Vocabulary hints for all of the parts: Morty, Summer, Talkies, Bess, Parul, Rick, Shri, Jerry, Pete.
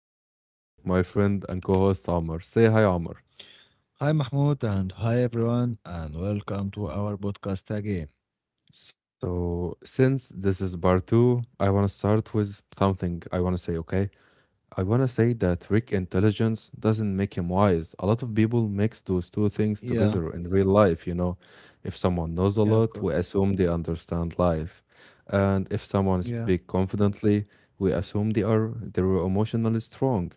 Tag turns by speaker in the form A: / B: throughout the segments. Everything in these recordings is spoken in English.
A: and I'm here with my friend and co-host Amr. Say hi, Amr.
B: Hi, Mahmoud, and hi, everyone, and welcome to our podcast again.
A: So, since this is part two, I want to start with something I want to say. Okay, I want to say that Rick intelligence doesn't make him wise. A lot of people mix those two
B: Yeah,
A: things together in real life. You know, if someone
B: yeah, of
A: knows a
B: course.
A: lot, we assume they understand life, and
B: Yeah,
A: if someone speaks confidently, we assume they're emotionally strong.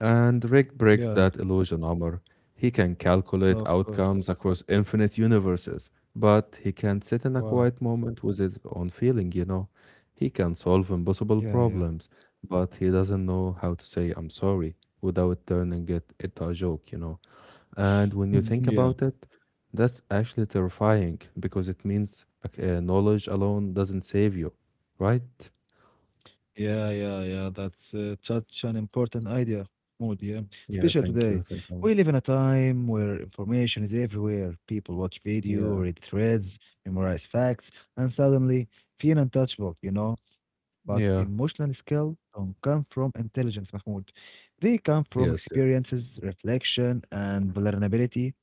A: And
B: yeah,
A: Rick breaks that illusion, Omar. He can
B: of
A: calculate
B: course.
A: outcomes across infinite universes, but he can't sit in
B: Wow.
A: a quiet moment with his own feeling. He can solve
B: Yeah, yeah.
A: impossible problems, but he doesn't know how to say I'm sorry without turning it into a joke. And when you think
B: yeah.
A: about it, that's actually terrifying because it means okay, knowledge alone doesn't save you, right?
B: Yeah, yeah, yeah. That's such an important idea, Mahmoud. Yeah,
A: Yeah,
B: especially
A: thank you.
B: today.
A: Thank you.
B: We live in a time where information is everywhere. People watch video,
A: Yeah.
B: read threads, memorize facts, and suddenly feel untouchable, you know. But
A: Yeah.
B: emotional skill don't come from intelligence, Mahmoud. They come from
A: Yes. Yeah.
B: experiences, reflection, and vulnerability.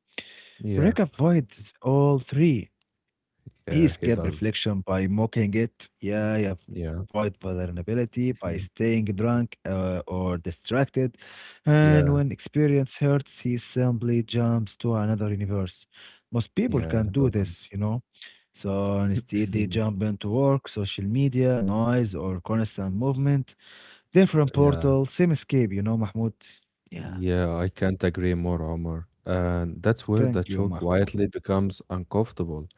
A: Yeah.
B: Rick avoids all three. He
A: Yeah, he
B: escaped
A: does.
B: reflection by mocking it. Yeah, he avoid
A: Yeah.
B: vulnerability by staying drunk or distracted. And
A: Yeah.
B: when experience hurts, he simply jumps to another universe. Most people can
A: Yeah,
B: do
A: totally.
B: this, you know. So instead, they jump into work, social media, noise, or constant movement. Different
A: Yeah.
B: portal, same escape, you know, Mahmoud. Yeah.
A: Yeah, I can't agree more, Omar. And that's where the
B: Thank you,
A: show
B: Mahmoud.
A: quietly becomes uncomfortable.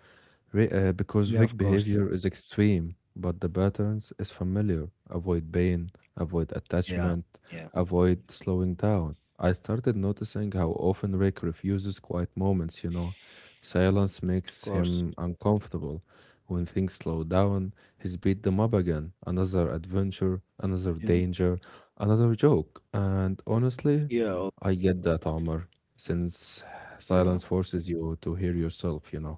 A: Because
B: Yeah,
A: weak
B: of course.
A: behavior is extreme, but the patterns is familiar. Avoid pain, avoid
B: Yeah.
A: attachment,
B: Yeah,
A: avoid slowing down. I started noticing how often Rick refuses quiet moments. Silence
B: of
A: makes
B: course.
A: him uncomfortable. When things slow down, he's beat them up again. Another adventure, another
B: Yeah.
A: danger, another joke. And honestly,
B: Yeah. Oh,
A: I get that, Omar, since
B: yeah.
A: silence forces you to hear yourself.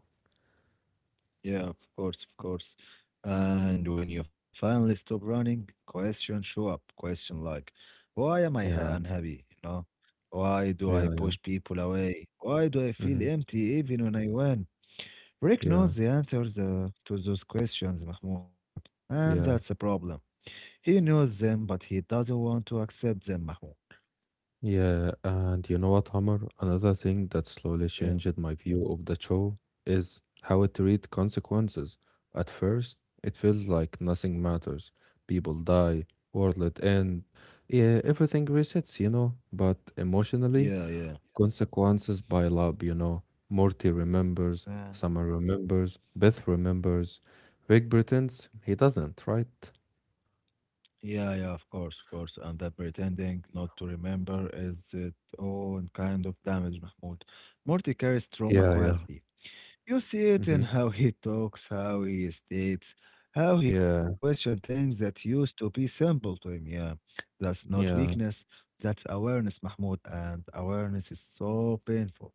B: Yeah, of course, of course. And when you finally stop running, questions show up. Question like, why am I
A: Yeah.
B: unhappy? You know, why do
A: Yeah,
B: I
A: yeah,
B: push people away? Why do I feel
A: mhm,
B: empty even when I win? Rick
A: yeah,
B: knows the answers to those questions, Mahmoud, and
A: yeah,
B: that's a problem. He knows them, but he doesn't want to accept them, Mahmoud.
A: yeah. And you know what, Hammer? Another thing that slowly changed
B: Yeah,
A: my view of the show is how it treats consequences. At first, it feels like nothing matters. People die, world end, yeah, everything resets. But emotionally,
B: yeah,
A: consequences pile up. Morty remembers,
B: yeah.
A: Summer remembers, Beth remembers, Rick pretends he doesn't, right?
B: Yeah, yeah, of course, of course. And that pretending not to remember is its own kind of damage, Mahmoud. Morty carries trauma
A: Yeah, yeah.
B: quietly. You see it in
A: Mm-hmm.
B: how he talks, how he states, how he
A: Yeah,
B: questions things that used to be simple to him. Yeah, that's not
A: yeah.
B: weakness, that's awareness, Mahmoud. And awareness is so painful.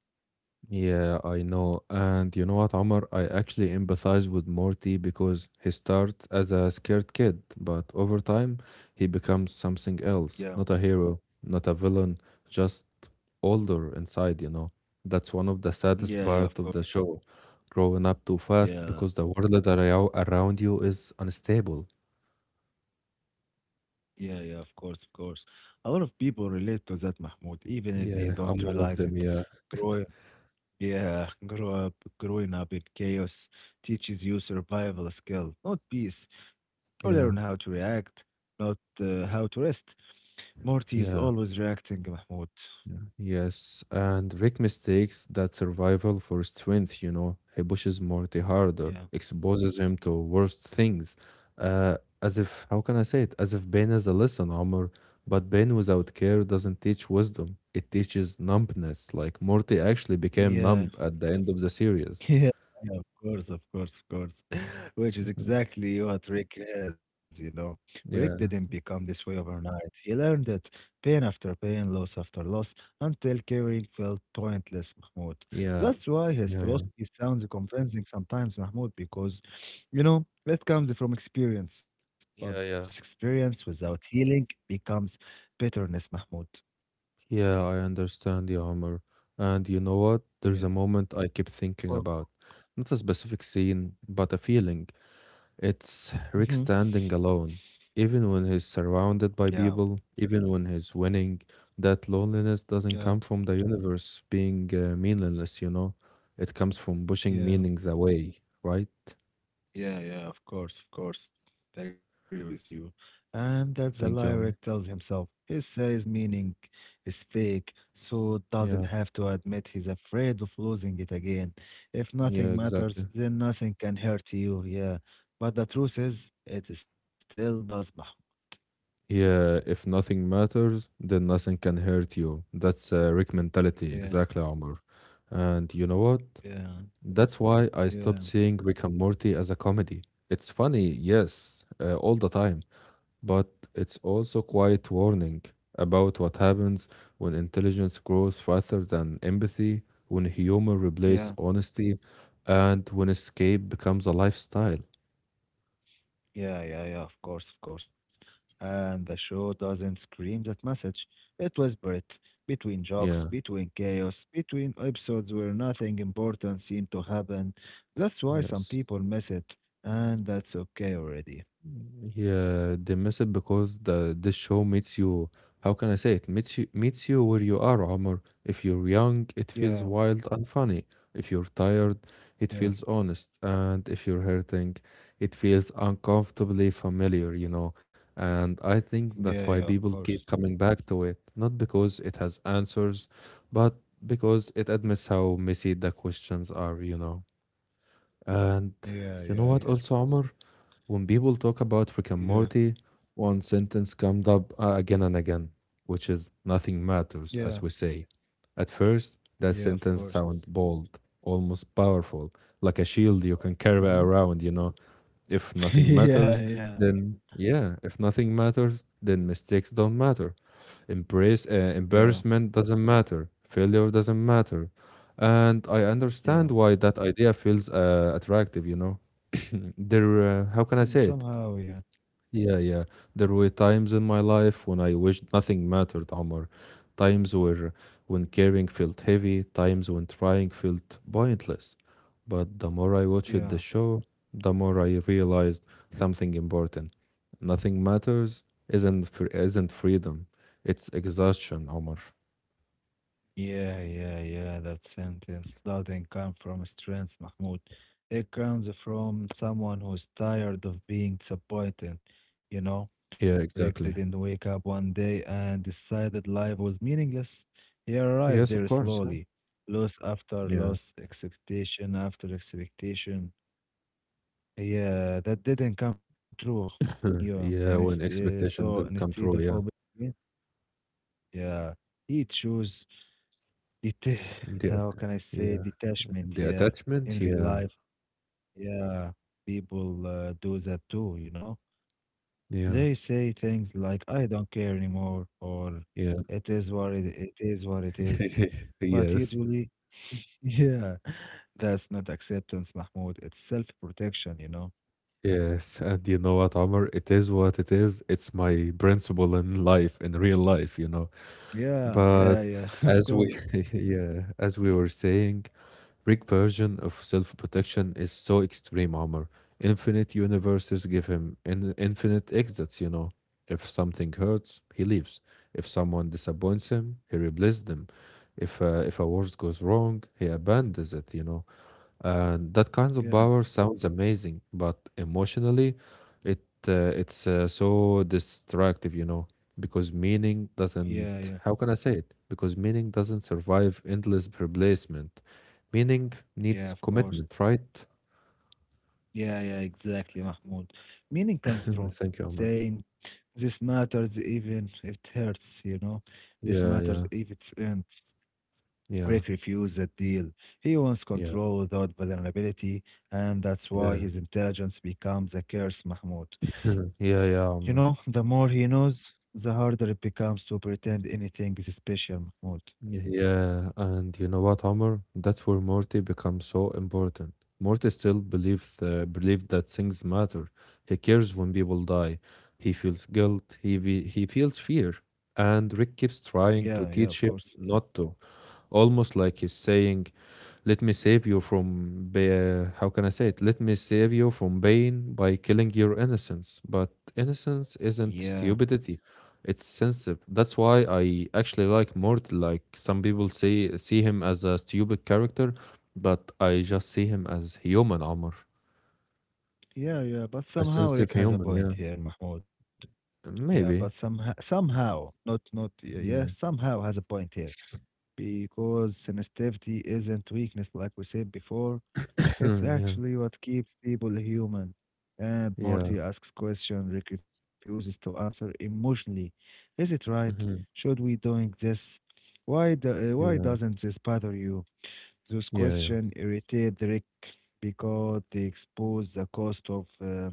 A: Yeah, I know. And you know what, Omar? I actually empathize with Morty because he starts as a scared kid, but over time, he becomes something
B: Yeah,
A: else. Not a hero, not a villain, just older inside. That's one of the saddest
B: yeah, yeah,
A: part
B: of
A: of
B: course.
A: the show. Growing up too fast
B: Yeah.
A: because the world that around you is unstable.
B: Yeah, yeah, of course, of course. A lot of people relate to that, Mahmoud, even if they
A: Yeah,
B: don't
A: I'm one of
B: realize
A: them.
B: it.
A: Yeah,
B: Growing, yeah, growing up in chaos teaches you survival skill, not peace. You learn how
A: yeah,
B: to react, not how to rest. Morty is
A: yeah.
B: always reacting, Mahmoud.
A: Yes, and Rick mistakes that survival for strength. He pushes Morty harder,
B: Yeah,
A: exposes him to worse things. As if, how can I say it? As if pain is a lesson, Omar. But pain without care doesn't teach wisdom, it teaches numbness. Like Morty actually became
B: yeah.
A: numb at the end of the series.
B: Yeah, yeah, of course, of course, of course. Which is exactly what Rick has, you know. Rick didn't
A: Yeah,
B: become this way overnight. He learned it pain after pain, loss after loss, until caring felt pointless, Mahmoud.
A: yeah,
B: That's why his
A: yeah, yeah.
B: philosophy sounds convincing sometimes, Mahmoud, because, you know, it comes from experience. But
A: Yeah,
B: this
A: yeah.
B: experience without healing becomes bitterness, Mahmoud.
A: Yeah, I understand the armor. And you know what? There's a
B: Yeah.
A: moment I keep thinking about.
B: Well,
A: Not a specific scene, but a feeling. It's Rick
B: mhm.
A: standing alone, even when he's surrounded by
B: Yeah,
A: people, even when he's winning. That loneliness doesn't come from
B: yeah,
A: the universe being meaningless, you know? It comes from pushing meanings
B: yeah.
A: away, right?
B: Yeah, yeah, of course, of course. I agree with you. And that the
A: Thank you, Ahmed.
B: lyric tells himself. He says meaning is fake, so doesn't
A: Yeah,
B: have to admit he's afraid of losing it again. If nothing
A: yeah,
B: matters,
A: exactly.
B: then nothing can hurt you, yeah. But the truth is, it still does, Mahmoud.
A: Yeah, if nothing matters, then nothing can hurt you. That's a Rick mentality,
B: Yeah,
A: exactly, Omar. And you know what?
B: yeah,
A: That's why I
B: yeah,
A: stopped seeing Rick and Morty as a comedy. It's funny, yes, all the time, but it's also quite warning about what happens when intelligence grows faster than empathy, when humor replaces
B: yeah.
A: honesty, and when escape becomes a lifestyle.
B: Yeah, yeah, yeah, of course, of course. And the show doesn't scream that message. It whisper it between jokes,
A: Yeah,
B: between chaos, between episodes where nothing important seemed to happen. That's why some
A: yes.
B: people miss it, and that's okay already.
A: Yeah, they miss it because the this show meets you. How can I say it? Meets you where you are, Omar. If you're young, it feels
B: Yeah,
A: wild and funny. If you're tired, it
B: yeah,
A: feels honest. And if you're hurting, it feels uncomfortably familiar. And I think
B: yeah, yeah,
A: that's
B: of
A: why people
B: course.
A: keep coming back to it, not because it has answers, but because it admits how messy the questions are. And
B: Yeah,
A: you know
B: yeah,
A: what,
B: yeah,
A: also, Omar? When people talk about
B: yeah,
A: Rick and Morty, one sentence comes up again and again, which is nothing
B: yeah,
A: matters, as we say. At first, that
B: yeah, of
A: sentence
B: course.
A: sounds bold, almost powerful, like a shield you can carry
B: Mhm.
A: around. If nothing
B: yeah,
A: matters,
B: yeah,
A: then yeah, if nothing matters, then mistakes don't matter. Embrace
B: yeah,
A: Embarrassment doesn't matter. Failure doesn't matter. And I
B: yeah.
A: understand why that idea feels attractive, you know. How can I
B: Mm,
A: say it?
B: somehow, yeah,
A: Yeah, yeah. There were times in my life when I wished nothing mattered, Omar. Times where when caring felt heavy, times when trying felt pointless. But the more I watched
B: yeah.
A: the show, the more I realized something important. Nothing matters isn't freedom. It's exhaustion, Omar.
B: Yeah, yeah, yeah. That sentence doesn't come from strength, Mahmoud. It comes from someone who's tired of being disappointed. You know,
A: Yeah,
B: Rick
A: exactly.
B: didn't wake up one day and decided life was meaningless. He arrived
A: Yes,
B: there
A: of course. Yeah.
B: slowly, loss after
A: Yeah.
B: loss, expectation after expectation. Yeah, that didn't come true. Yeah, and
A: Yeah, when
B: so
A: expectation
B: instead
A: didn't
B: of
A: come
B: hoping,
A: true, yeah.
B: yeah, he chose. Deta
A: The,
B: how
A: at-
B: can I
A: yeah.
B: say,
A: The
B: Detachment, yeah.
A: attachment,
B: In real
A: yeah.
B: life, yeah, people do that too, you know?
A: Yeah.
B: They say things like, I don't care anymore, or
A: Yeah.
B: it is what it is. But
A: Yes,
B: usually, yeah, that's not acceptance, Mahmoud. It's self-protection, you know?
A: yes. And you know what, Omar? It is what it is. It's my principle in life, in real life.
B: Yeah, yeah,
A: But
B: yeah, of
A: as
B: course.
A: we, yeah, as we were saying, Rick's version of self-protection is so extreme, Omar. Infinite universes give him in infinite exits. If something hurts, he leaves. If someone disappoints him, he replaces them. If a word goes wrong, he abandons it. That kind of
B: Yeah,
A: power sounds amazing, but emotionally, it it's so destructive, because meaning
B: yeah, yeah,
A: doesn't. How can I say it? Because meaning doesn't survive endless replacement. Meaning
B: yeah,
A: needs
B: of course.
A: commitment, right?
B: Yeah, yeah, exactly, Mahmoud. Meaning comes from
A: Thank you,
B: saying,
A: Omar.
B: this matters even if it hurts, you know? This
A: Yeah,
B: matters
A: yeah,
B: if it's end.
A: yeah,
B: Rick refused that deal. He wants
A: yeah,
B: control without vulnerability, and that's why
A: yeah,
B: his intelligence becomes a curse, Mahmoud.
A: yeah, yeah,
B: You
A: Omar.
B: know, the more he knows, the harder it becomes to pretend anything is special, Mahmoud.
A: Yeah, and you know what, Omar? That's where Morty becomes so important. Morty still believes believed that things matter. He cares when people die. He feels guilt. He feels fear. And Rick keeps trying to
B: Yeah, yeah,
A: teach him
B: of course.
A: not to, almost like he's saying, let me save you from, how can I say it? Let me save you from pain by killing your innocence. But innocence isn't
B: Yeah,
A: stupidity, it's sensitive. That's why I actually like Mort. Like some people say, see him as a stupid character, but I just see him as human, Amr.
B: yeah, yeah, but
A: A
B: somehow
A: sensitive
B: Rick has a
A: human,
B: point
A: yeah.
B: here, Mahmoud. Yeah, but
A: Maybe,
B: somehow, not yeah,
A: yeah.
B: somehow has a point here because sensitivity isn't weakness, like we said before. It's
A: Yeah,
B: actually what keeps people human. And
A: yeah.
B: Marty asks question, Rick refuses to answer emotionally. Is it right?
A: Hmm.
B: Should we doing this? Why
A: Yeah,
B: doesn't this bother you? Those
A: yeah. Yeah.
B: question irritate Rick because they expose the cost of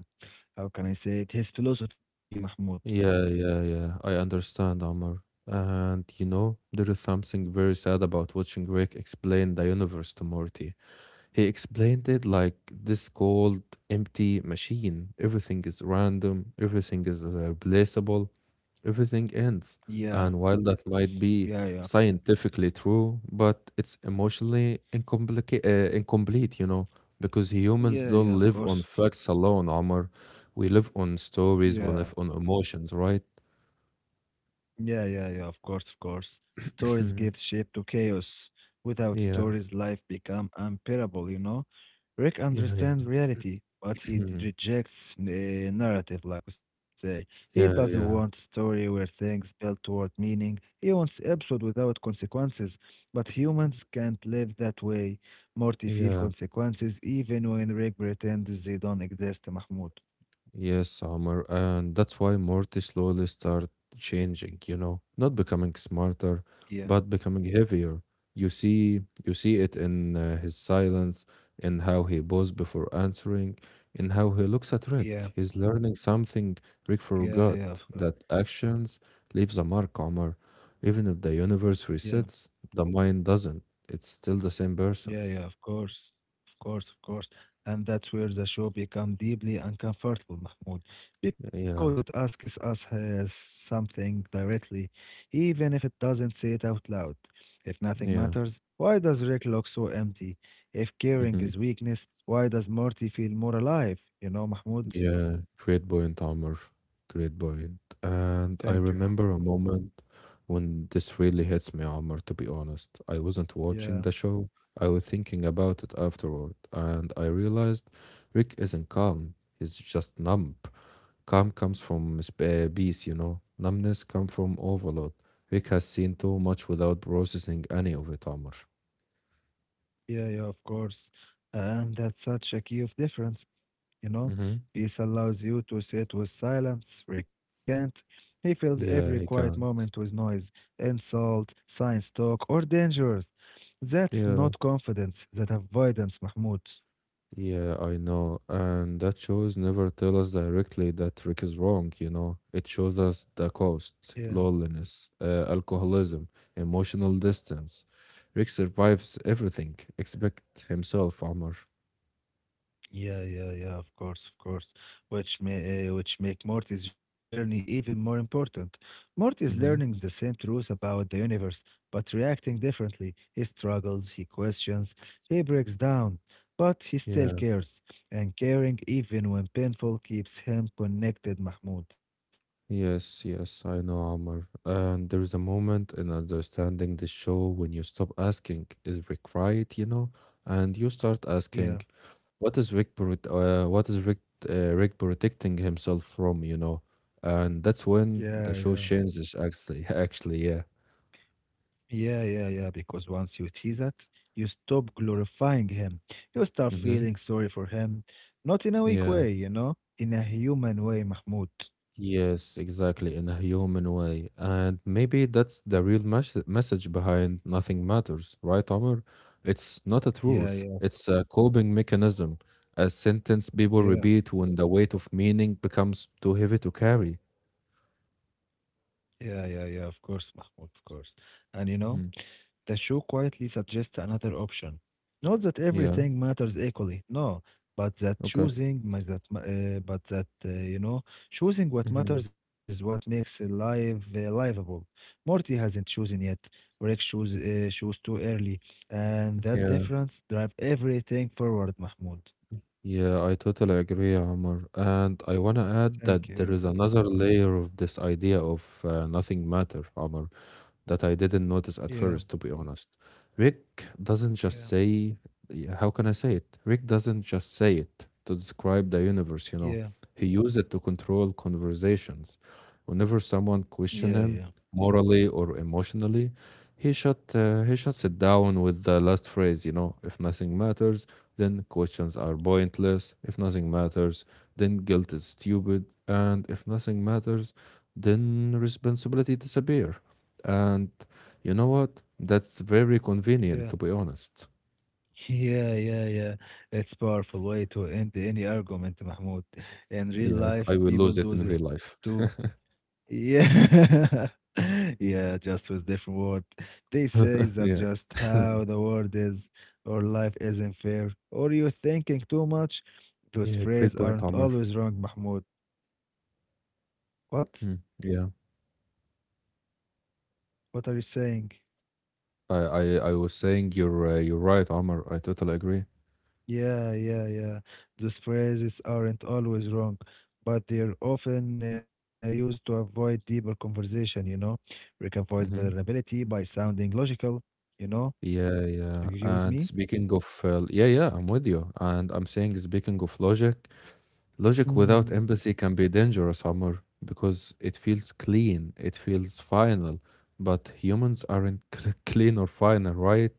B: how can I say it? his philosophy, Mahmoud.
A: Yeah, yeah, yeah. I understand, Amr. And you know, there is something very sad about watching Rick explain the universe to Morty. He explained it like this cold, empty machine. Everything is random, everything is replaceable, everything ends.
B: Yeah.
A: And while that might be
B: Yeah, yeah.
A: scientifically true, but it's emotionally incomplete, because humans
B: Yeah, yeah,
A: don't
B: of
A: live on
B: course.
A: facts alone, Amr. We live on
B: Yeah.
A: stories, we live on emotions, right?
B: Yeah, yeah, yeah, of course, of course. Stories give
A: Mhm.
B: shape to chaos. Without
A: Yeah.
B: stories, life become unbearable, you know? Rick
A: Yeah, yeah.
B: understands reality, but he
A: Mhm.
B: rejects the narrative, like we say. He doesn't
A: Yeah,
B: want
A: yeah.
B: story where things build toward meaning. He wants episode without consequences, but humans can't live that way. Morty feel
A: Yeah.
B: consequences even when Rick pretends they don't exist, Mahmoud.
A: Yes, Omar. And that's why Morty slowly start changing, not becoming smarter,
B: Yeah,
A: but becoming heavier. You see it in his silence, in how he paused before answering, in how he looks at
B: yeah.
A: Rick. He's learning something Rick
B: Yeah, yeah, of
A: forgot,
B: course.
A: that actions leaves a mark, Omar. Even if the universe
B: Yeah,
A: resets, the mind doesn't. It's still the same person.
B: yeah, yeah, of course. Of course, of course. And that's where the show become deeply uncomfortable, Mahmoud, because it
A: Yeah.
B: asks us something directly, even if it doesn't say it out loud. If nothing
A: Yeah.
B: matters, why does Rick look so empty? If caring
A: Hmm.
B: is weakness, why does Morty feel more alive? You know, Mahmoud?
A: Yeah. Great point, Amr. Great point. And
B: Thank you.
A: I remember a moment when this really hits me, Amr, to be honest. I wasn't watching
B: Yeah.
A: the show. I was thinking about it afterward, and I realized Rick isn't calm. He's just numb. Calm comes from peace, you know. Numbness comes from overload. Rick has seen too much without processing any of it, Amr.
B: Yeah, yeah, of course. And that's such a key of difference. You know,
A: Hmm.
B: peace allows you to sit with silence, recant. He filled every
A: Yeah, he
B: quiet
A: can.
B: moment with noise, insult, science talk, or dangers. That's
A: Yeah.
B: not confidence, that avoidance, Mahmoud.
A: Yeah, I know. And that shows never tell us directly that Rick is wrong. It shows us the
B: Yeah.
A: cost, loneliness, alcoholism, emotional distance. Rick survives everything except himself, Amr.
B: Yeah, yeah, yeah, of course, of course. Which make Morty's journey even more important. Morty is learning the
A: Mm-hmm.
B: same truth about the universe, but reacting differently. He struggles, he questions, he breaks down, but he still
A: Yeah.
B: cares. And caring, even when painful, keeps him connected, Mahmoud.
A: Yes, yes, I know, Amr. And there is a moment in understanding the show when you stop asking, is Rick right, you know? And you start asking,
B: Yeah,
A: What is Rick protecting himself from, you know? And that's
B: yeah,
A: when
B: yeah.
A: the show changes actually actually, yeah.
B: Yeah, yeah, yeah. Because once you see that, you stop glorifying him. You start
A: Mm-hmm.
B: feeling sorry for him. Not in a weak
A: Yeah.
B: way, you know, in a human way, Mahmoud.
A: Yes, exactly, in a human way. And maybe that's the real message behind Nothing Matters, right, Omar? It's not a
B: Yeah,
A: truth.
B: yeah,
A: It's a coping mechanism, a sentence people
B: yeah,
A: repeat when the weight of meaning becomes too heavy to carry.
B: yeah, yeah, yeah. Of course, Mahmoud, of course. And you know,
A: Mhm.
B: the show quietly suggests another option. Not that
A: Yeah.
B: everything matters equally, no, but that
A: Okay.
B: choosing, mas- that, ma- but that, you know, choosing what
A: Hmm.
B: matters is what makes life livable. Morty hasn't chosen yet. Rick chose too early, and that
A: Yeah.
B: difference drives everything forward, Mahmoud.
A: Yeah, I totally agree, Amr. And I want to add
B: Thank
A: that there is
B: you.
A: another layer of this idea of nothing matter, Amr, that I didn't notice
B: Yeah,
A: at first, to be honest. Rick doesn't
B: yeah,
A: just say, how can I say it? Rick doesn't just say it to describe the universe.
B: yeah,
A: He used it to control conversations. Whenever someone
B: yeah,
A: questioned
B: yeah,
A: him, morally or emotionally, he shuts it down with the last phrase, if nothing matters, then questions are pointless. If nothing matters, then guilt is stupid. And if nothing matters, then responsibility disappear. And you know what? That's very
B: yeah.
A: convenient, to be honest.
B: Yeah, yeah, yeah. It's powerful way to end any argument, Mahmoud. In real
A: Yeah, I
B: life,
A: will
B: people
A: lose it
B: do
A: in real
B: this
A: life.
B: too. Yeah. Yeah, just with different word. They say that
A: Yeah,
B: just how the world is, or life isn't fair, or you're thinking too much. Those
A: yeah, great
B: phrases
A: point,
B: aren't
A: Amr.
B: always wrong, Mahmoud. What?
A: Yeah,
B: What are you saying?
A: I, I, I was saying you're right, Amr. I totally agree.
B: Yeah, yeah, yeah. Those phrases aren't always wrong, but they're often used to avoid deeper conversation, you know? Rick avoids
A: hmm
B: vulnerability by sounding logical, you know?
A: Yeah, yeah.
B: Agree with
A: And
B: me?
A: speaking of, yeah, yeah, I'm with you. And I'm saying, speaking of logic, logic without
B: Hmm.
A: empathy can be dangerous, Amr, because it feels clean, it feels final. But humans aren't clean or final, right?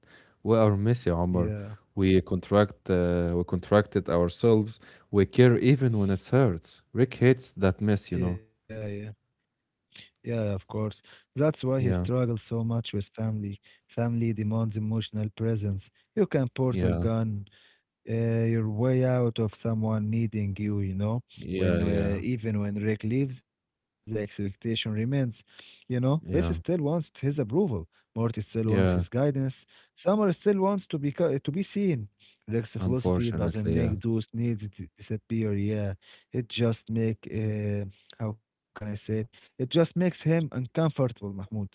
A: We are messy, Amr.
B: Yeah,
A: We we contract it ourselves. We care even when it hurts. Rick hates that mess, you know.
B: yeah, yeah. Yeah, of course. That's why he
A: Yeah,
B: struggles so much with family. Family demands emotional presence. You can portal
A: yeah,
B: gun your way out of someone needing you, you know,
A: yeah,
B: when
A: yeah,
B: even when Rick leaves, the expectation remains, you know, Bess still
A: yeah,
B: wants his approval. Morty still wants his
A: yeah.
B: guidance. Summer still wants to be seen. Rick's philosophy doesn't
A: Unfortunately, yeah.
B: make those needs disappear. Yeah, it just make how can I say it? It just makes him uncomfortable, Mahmoud.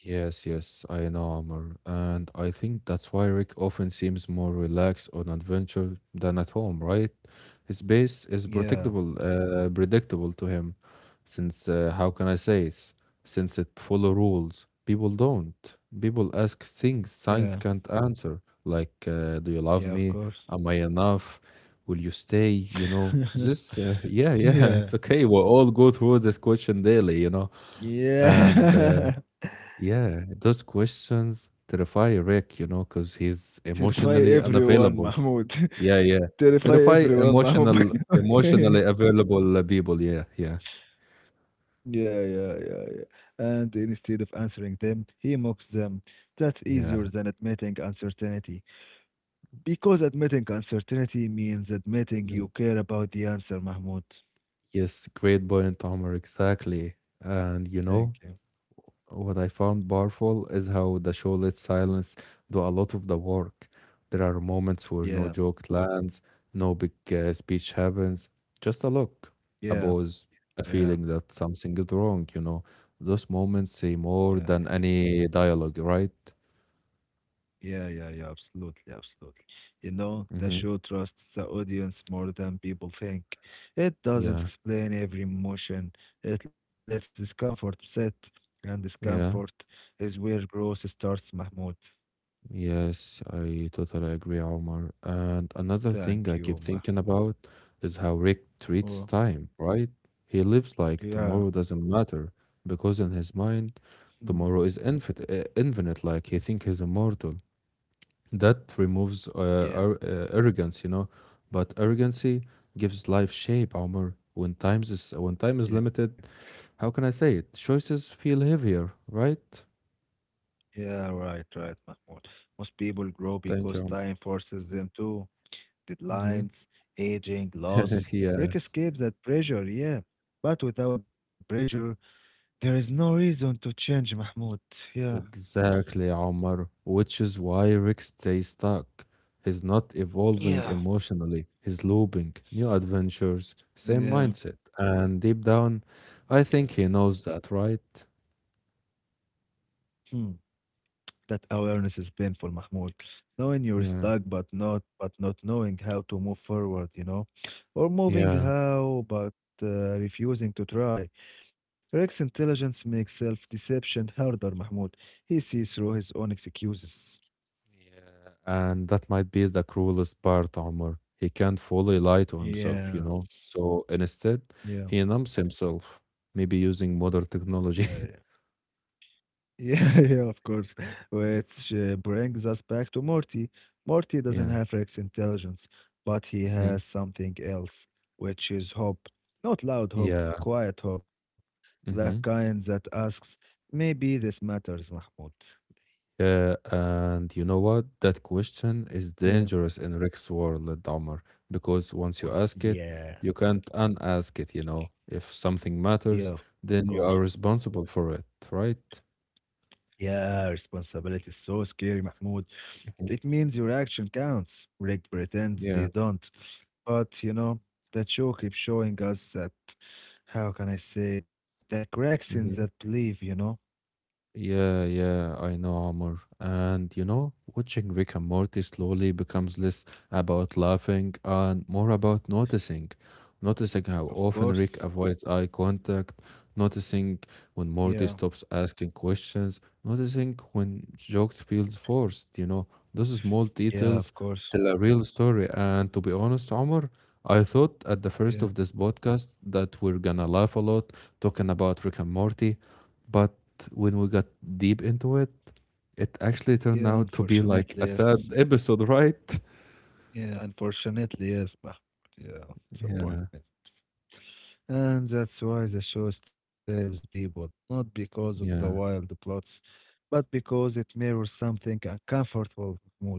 A: Yes, yes, I know, Amr, and I think that's why Rick often seems more relaxed on adventure than at home, right? His base is predictable,
B: Yeah,
A: predictable to him, since how can I say it? Since it follow rules, people don't. People ask things science can't
B: yeah,
A: answer, like, "Do you love me?
B: yeah. Of
A: Am I
B: course.
A: enough? Will you stay?" You know, this. Yeah, yeah, it's okay.
B: yeah,
A: We all go through this question daily, you know, and
B: yeah.
A: yeah, those questions terrify Rick, you know, because he's
B: Terrify
A: emotionally
B: everyone,
A: unavailable.
B: Mahmoud.
A: Yeah, yeah.
B: Terrify
A: Terrify
B: everyone, Mahmoud.
A: emotional,
B: yeah,
A: emotionally available people. Yeah, yeah,
B: yeah, yeah, yeah. And instead of answering them, he mocks them. That's easier
A: yeah.
B: than admitting uncertainty. Because admitting uncertainty means admitting
A: Mhm.
B: you care about the answer, Mahmoud.
A: Yes, great point, Omar. Exactly. And you
B: Thank you.
A: know, what I found powerful is how the show lets silence do a lot of the work. There are moments where no
B: Yeah,
A: joke lands, no big speech happens, just a look, a
B: yeah,
A: pause, a
B: yeah,
A: feeling that something is wrong, you know. Those moments say
B: yeah.
A: more than any dialogue, right?
B: Yeah, yeah, yeah, absolutely, absolutely. You know, the
A: Mm-hmm.
B: show trusts the audience more than people think. It doesn't
A: Yeah,
B: explain every emotion, it lets discomfort sit, and discomfort
A: yeah.
B: is where growth starts, Mahmoud.
A: Yes, I totally agree, Omar. And another thing
B: Thank
A: I
B: you,
A: keep
B: Mahmoud.
A: thinking about is how Rick treats
B: Oh,
A: time, right? He lives like
B: yeah,
A: tomorrow doesn't matter because in his mind,
B: mm,
A: tomorrow is infinite, infinite, like he thinks he's immortal. That removes
B: yeah,
A: arrogance, you know, but arrogancy gives life shape, Omar. When time is
B: yeah,
A: limited, how can I say it? Choices feel heavier, right?
B: yeah, right, right, Mahmoud. Most people grow
A: Thank
B: because
A: you.
B: time forces them to
A: Mm-hmm.
B: deadlines, aging, loss.
A: Yeah.
B: Rick escapes that pressure, yeah. But without pressure, there is no reason to change, Mahmoud. Yeah,
A: Exactly, Omar. Which is why Rick stays stuck. He's not evolving
B: yeah,
A: emotionally, he's looping. New adventures, same
B: yeah,
A: mindset. And deep down, I
B: yeah.
A: think he knows that, right?
B: Hmm. That awareness is painful, Mahmoud. Knowing you're
A: Yeah,
B: stuck, but not knowing how to move forward, you know, or moving
A: yeah.
B: how, but refusing to try. Rex intelligence makes self-deception harder, Mahmoud. He sees through his own excuses.
A: And that might be the cruelest part, Omar. He can't fully lie to himself, you
B: Yeah,
A: know? So instead,
B: yeah,
A: he numbs himself, maybe using modern
B: yeah.
A: technology.
B: Yeah. Yeah, yeah, of course. Which brings us back to Morty. Morty doesn't
A: Yeah.
B: have Rex's intelligence, but he
A: Mhm.
B: has something else, which is hope. Not loud hope,
A: Yeah.
B: quiet hope. The
A: Mhm.
B: kind that asks, maybe this matters, Mahmoud.
A: Yeah, and you know what? That question is
B: Yeah.
A: dangerous in Rick's world, Omar, because once you
B: Wow.
A: ask it,
B: Yeah,
A: you can't unask it, you know. If something
B: yeah,
A: matters,
B: of course.
A: then you are responsible for it, right?
B: Yeah, responsibility is so scary, Mahmoud.
A: Mhm.
B: It means your action counts. Rick pretends they
A: Yeah.
B: don't. But, that show keeps showing us that, how can I say it, the cracks in that
A: Mm-hmm.
B: belief, you know?
A: Yeah, yeah, I know, Amor. And you know, watching Rick and Morty slowly becomes less about laughing and more about noticing. Noticing how
B: Of
A: often Rick
B: course.
A: avoids eye contact, noticing when
B: Yeah.
A: Morty stops asking questions, noticing when jokes feels forced, you know. Those small
B: Yeah, of
A: details
B: course.
A: tell a real story. And to be honest, Amor, I thought at the first
B: Yeah.
A: of this podcast that we're gonna laugh a lot talking about Rick and Morty. But when we got deep into it, it actually turned
B: Yeah,
A: out to be
B: unfortunately,
A: like a
B: yes.
A: sad episode, right?
B: Yeah, unfortunately, yes, yeah, it's a point.
A: Yeah,
B: Yeah. And that's why the show stays with people, not because of the wild
A: yeah,
B: plots, but because it mirrors something uncomfortable mood.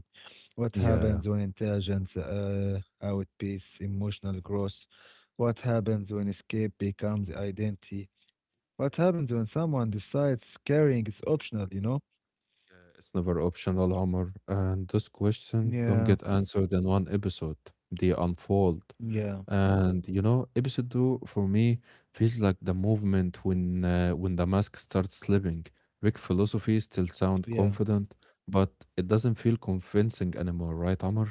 B: What
A: yeah.
B: happens when intelligence outpaces emotional growth? What happens when escape becomes identity? What happens when someone decides carrying is optional?
A: It's never optional, Omar. And those questions don't get
B: Yeah,
A: answered in one episode, they unfold.
B: yeah,
A: And you know, episode two for me feels like the movement when the mask starts slipping. Rick philosophy still
B: yeah,
A: sound confident, but it doesn't feel convincing anymore, right, Omar?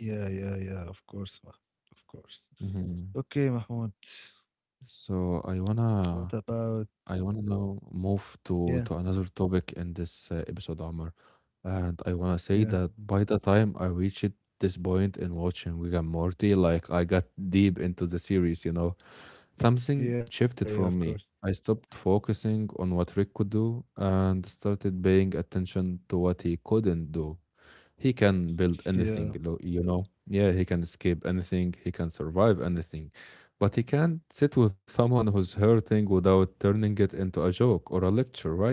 B: yeah, yeah, yeah, of course, Mahmoud, of course.
A: Mhm.
B: Okay, Mahmoud,
A: So I
B: what
A: wanna
B: about,
A: I wanna now move
B: yeah,
A: to another topic in this episode, Omar. And I wanna say
B: yeah,
A: that by the time I reached this point in watching Rick and Morty, like I got deep into the series, you know, something
B: yeah, yeah, of
A: shifted for
B: course.
A: me. I stopped focusing on what Rick could do and started paying attention to what he couldn't do. He can build anything,
B: Yeah,
A: you know. Yeah, he can escape anything, he can survive anything. But he can't sit with someone who's hurting without turning it into a joke or a lecture, right?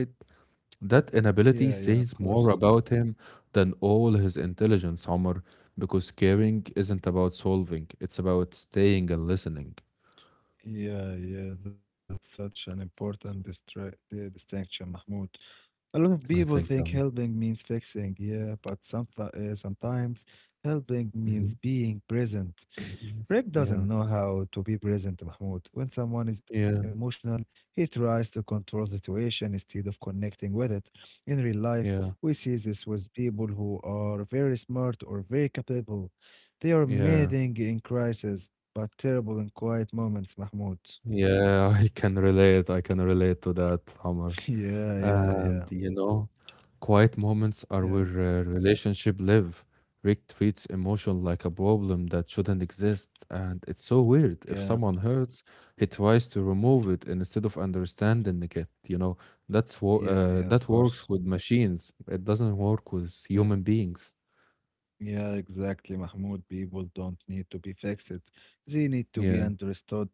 A: That
B: yeah,
A: inability
B: yeah, of
A: says more
B: course.
A: about him than all his intelligence, Omar, because caring isn't about solving, it's about staying and listening.
B: Yeah, yeah, that's such an important distinction, Mahmoud. A lot of people
A: I
B: think
A: think, um,
B: helping means fixing, yeah, but sometimes helping means
A: mhm.
B: being present. Rick
A: Yeah,
B: doesn't know how to be present, Mahmoud. When someone is
A: yeah,
B: emotional, he tries to control the situation instead of connecting with it. In real life,
A: yeah,
B: we see this with people who are very smart or very capable. They are
A: yeah,
B: amazing in crisis, but terrible in quiet moments, Mahmoud.
A: yeah. I can relate. I can relate to that, Omar.
B: yeah, yeah, yeah,
A: And you know, quiet moments are where
B: yeah,
A: relationship live. Rick treats emotion like a problem that shouldn't exist, and it's so weird. If
B: yeah,
A: someone hurts, he tries to remove it instead of understanding it. You know,
B: yeah, yeah, of
A: that
B: course.
A: works with machines. It doesn't work with
B: Yeah.
A: human beings.
B: Yeah, exactly, Mahmoud. People don't need to be fixed. They need to be
A: Yeah,
B: understood.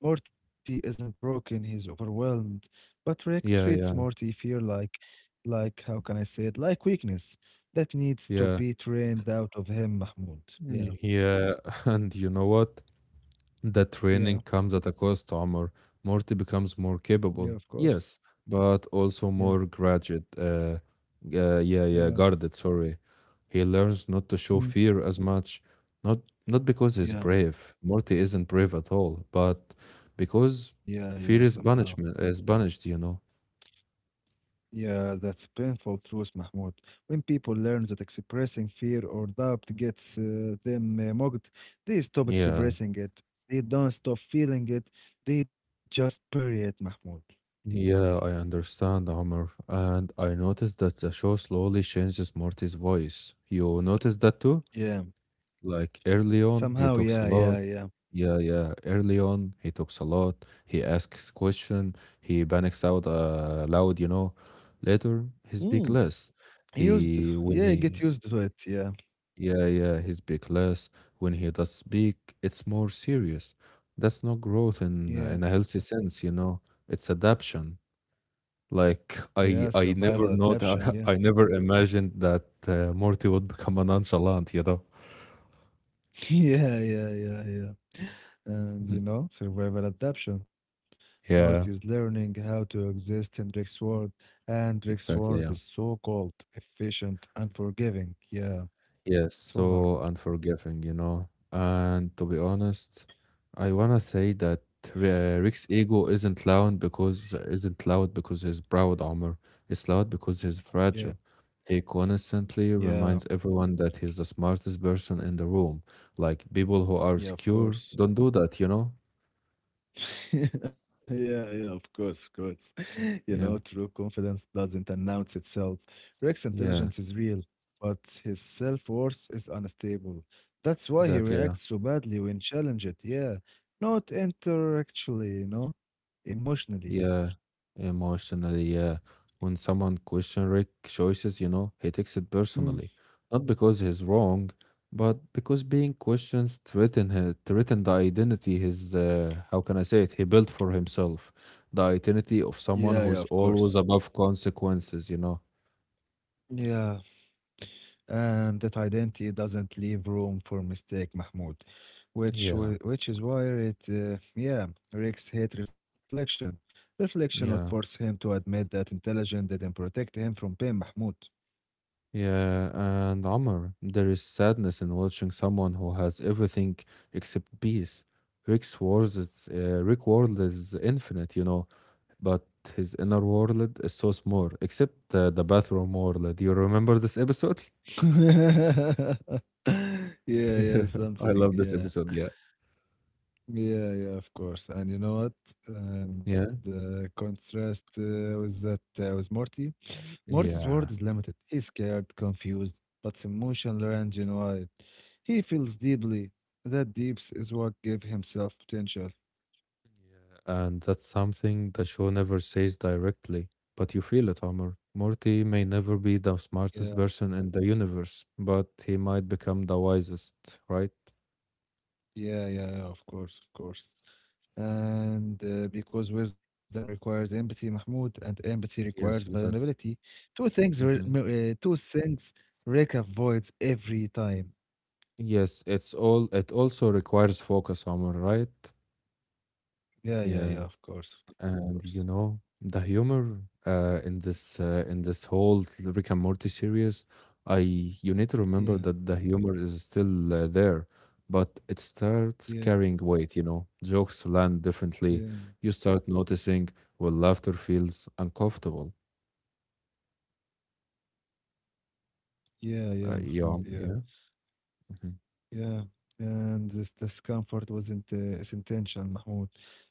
B: Morty isn't broken, he's overwhelmed. But Rick treats
A: yeah, yeah,
B: Morty fear like how can I say it? Like weakness that needs to
A: yeah,
B: be trained out of him, Mahmoud. Yeah,
A: yeah. And you know what? That
B: yeah,
A: training comes at a cost, Omar. Morty becomes more
B: yeah, of
A: capable,
B: course.
A: yes, but
B: Yeah,
A: also more graduate. Yeah, yeah,
B: yeah,
A: guarded. Sorry, he learns not to show
B: hmm,
A: fear as much. Not not because he's
B: yeah,
A: brave. Morty isn't brave at all, but because
B: yeah, yeah,
A: fear is
B: somehow.
A: punishment is punished. You know.
B: Yeah, that's painful truth, Mahmoud. When people learn that expressing fear or doubt gets them mocked, they stop
A: Yeah,
B: expressing it. They don't stop feeling it. They just bury it, Mahmoud.
A: yeah, I understand, Omar. And I noticed that the show slowly changes Morty's voice. You noticed that too?
B: Yeah,
A: Like early on, he
B: somehow,
A: talks a
B: yeah,
A: lot.
B: yeah, yeah.
A: Yeah, yeah. Early on, he talks a lot. He asks question. He panics out loud, you know. Later, he speak
B: Mm,
A: less.
B: used,
A: He when
B: yeah,
A: he
B: get used to it. Yeah,
A: Yeah, yeah, he speak less. When he does speak, it's more serious. That's not growth
B: yeah,
A: in a healthy sense, you know. It's adaption. Like
B: yeah.
A: I
B: Survival
A: never know,
B: adaptation. Yeah,
A: I never imagined that Morty would become a nonchalant, you know.
B: yeah, yeah, yeah, yeah. And you know, survival adaptation. Morty is
A: Yeah,
B: learning how to exist in Rick's world, and Rick's world
A: exactly.
B: is
A: Yeah.
B: so cold, efficient, and forgiving. Yeah,
A: Yes,
B: so hard.
A: so unforgiving, you know. And to be honest, I wanna say that Rick's ego isn't loud because he's proud, Omar. It's loud because he's
B: Yeah,
A: fragile. He constantly
B: yeah,
A: reminds everyone that he's the smartest person in the room. Like people who are
B: yeah, of
A: secure
B: course.
A: don't do that, you know?
B: Yeah, yeah, of course, of course. You know,
A: Yeah,
B: true confidence doesn't announce itself. Rick's
A: yeah,
B: intelligence is real, but his self-worth is unstable. That's why he
A: exactly.
B: reacts so badly when challenged. Yeah, not intellectually, you know, emotionally.
A: Yeah, emotionally. Yeah, when someone questions Rick's choices, you know, he takes it
B: Hmm.
A: personally, not because he's wrong, but because being questioned threaten his, threaten the identity his, how can I say it? He built for himself the identity of
B: Yeah, yeah, of
A: someone who's
B: course.
A: always above consequences. You know.
B: Yeah. And that identity doesn't leave room for mistake, Mahmoud, which
A: Yeah,
B: wi- which is why it yeah, Rex hate reflection. Reflection would force
A: yeah,
B: him to admit that intelligence didn't protect him from pain, Mahmoud.
A: yeah. And Amr, there is sadness in watching someone who has everything except peace. Rick world is infinite, you know, but his inner world is so small, except the bathroom world. Do you remember this episode?
B: yeah, yeah,
A: I
B: something,
A: love this
B: yeah.
A: episode. Yeah.
B: Yeah, yeah, of course. And you know what? And
A: Yeah.
B: contrast with that with Morty. Morty's world is
A: Yeah.
B: limited. He's scared, confused, but his emotional range is wide. He feels deeply. That deeps is what gave him self-potential.
A: And that's something the show never says directly, but you feel it, Omar. Morty may never be the
B: Yeah,
A: smartest person in the universe, but he might become the wisest, right?
B: yeah, yeah, yeah, of course, of course. And because wisdom requires empathy, Mahmoud, and empathy requires
A: Yes, exactly.
B: vulnerability. Two things, re-
A: Hmm.
B: m- uh, two things Rick avoids every time.
A: Yes, it's all. It also requires focus, Omar, right?
B: Yeah, yeah, yeah,
A: Yeah.
B: of course, of course.
A: And you know, the humor in this in this whole Rick and Morty series, I you need to remember
B: Yeah,
A: that the humor is still there, but it starts
B: yeah,
A: carrying weight, you know. Jokes land differently.
B: yeah,
A: You start noticing when laughter feels uncomfortable.
B: yeah, yeah,
A: Yeah,
B: Mahmoud, yeah.
A: yeah. Hmm.
B: Yeah, and this discomfort wasn't its intention, Mahmoud.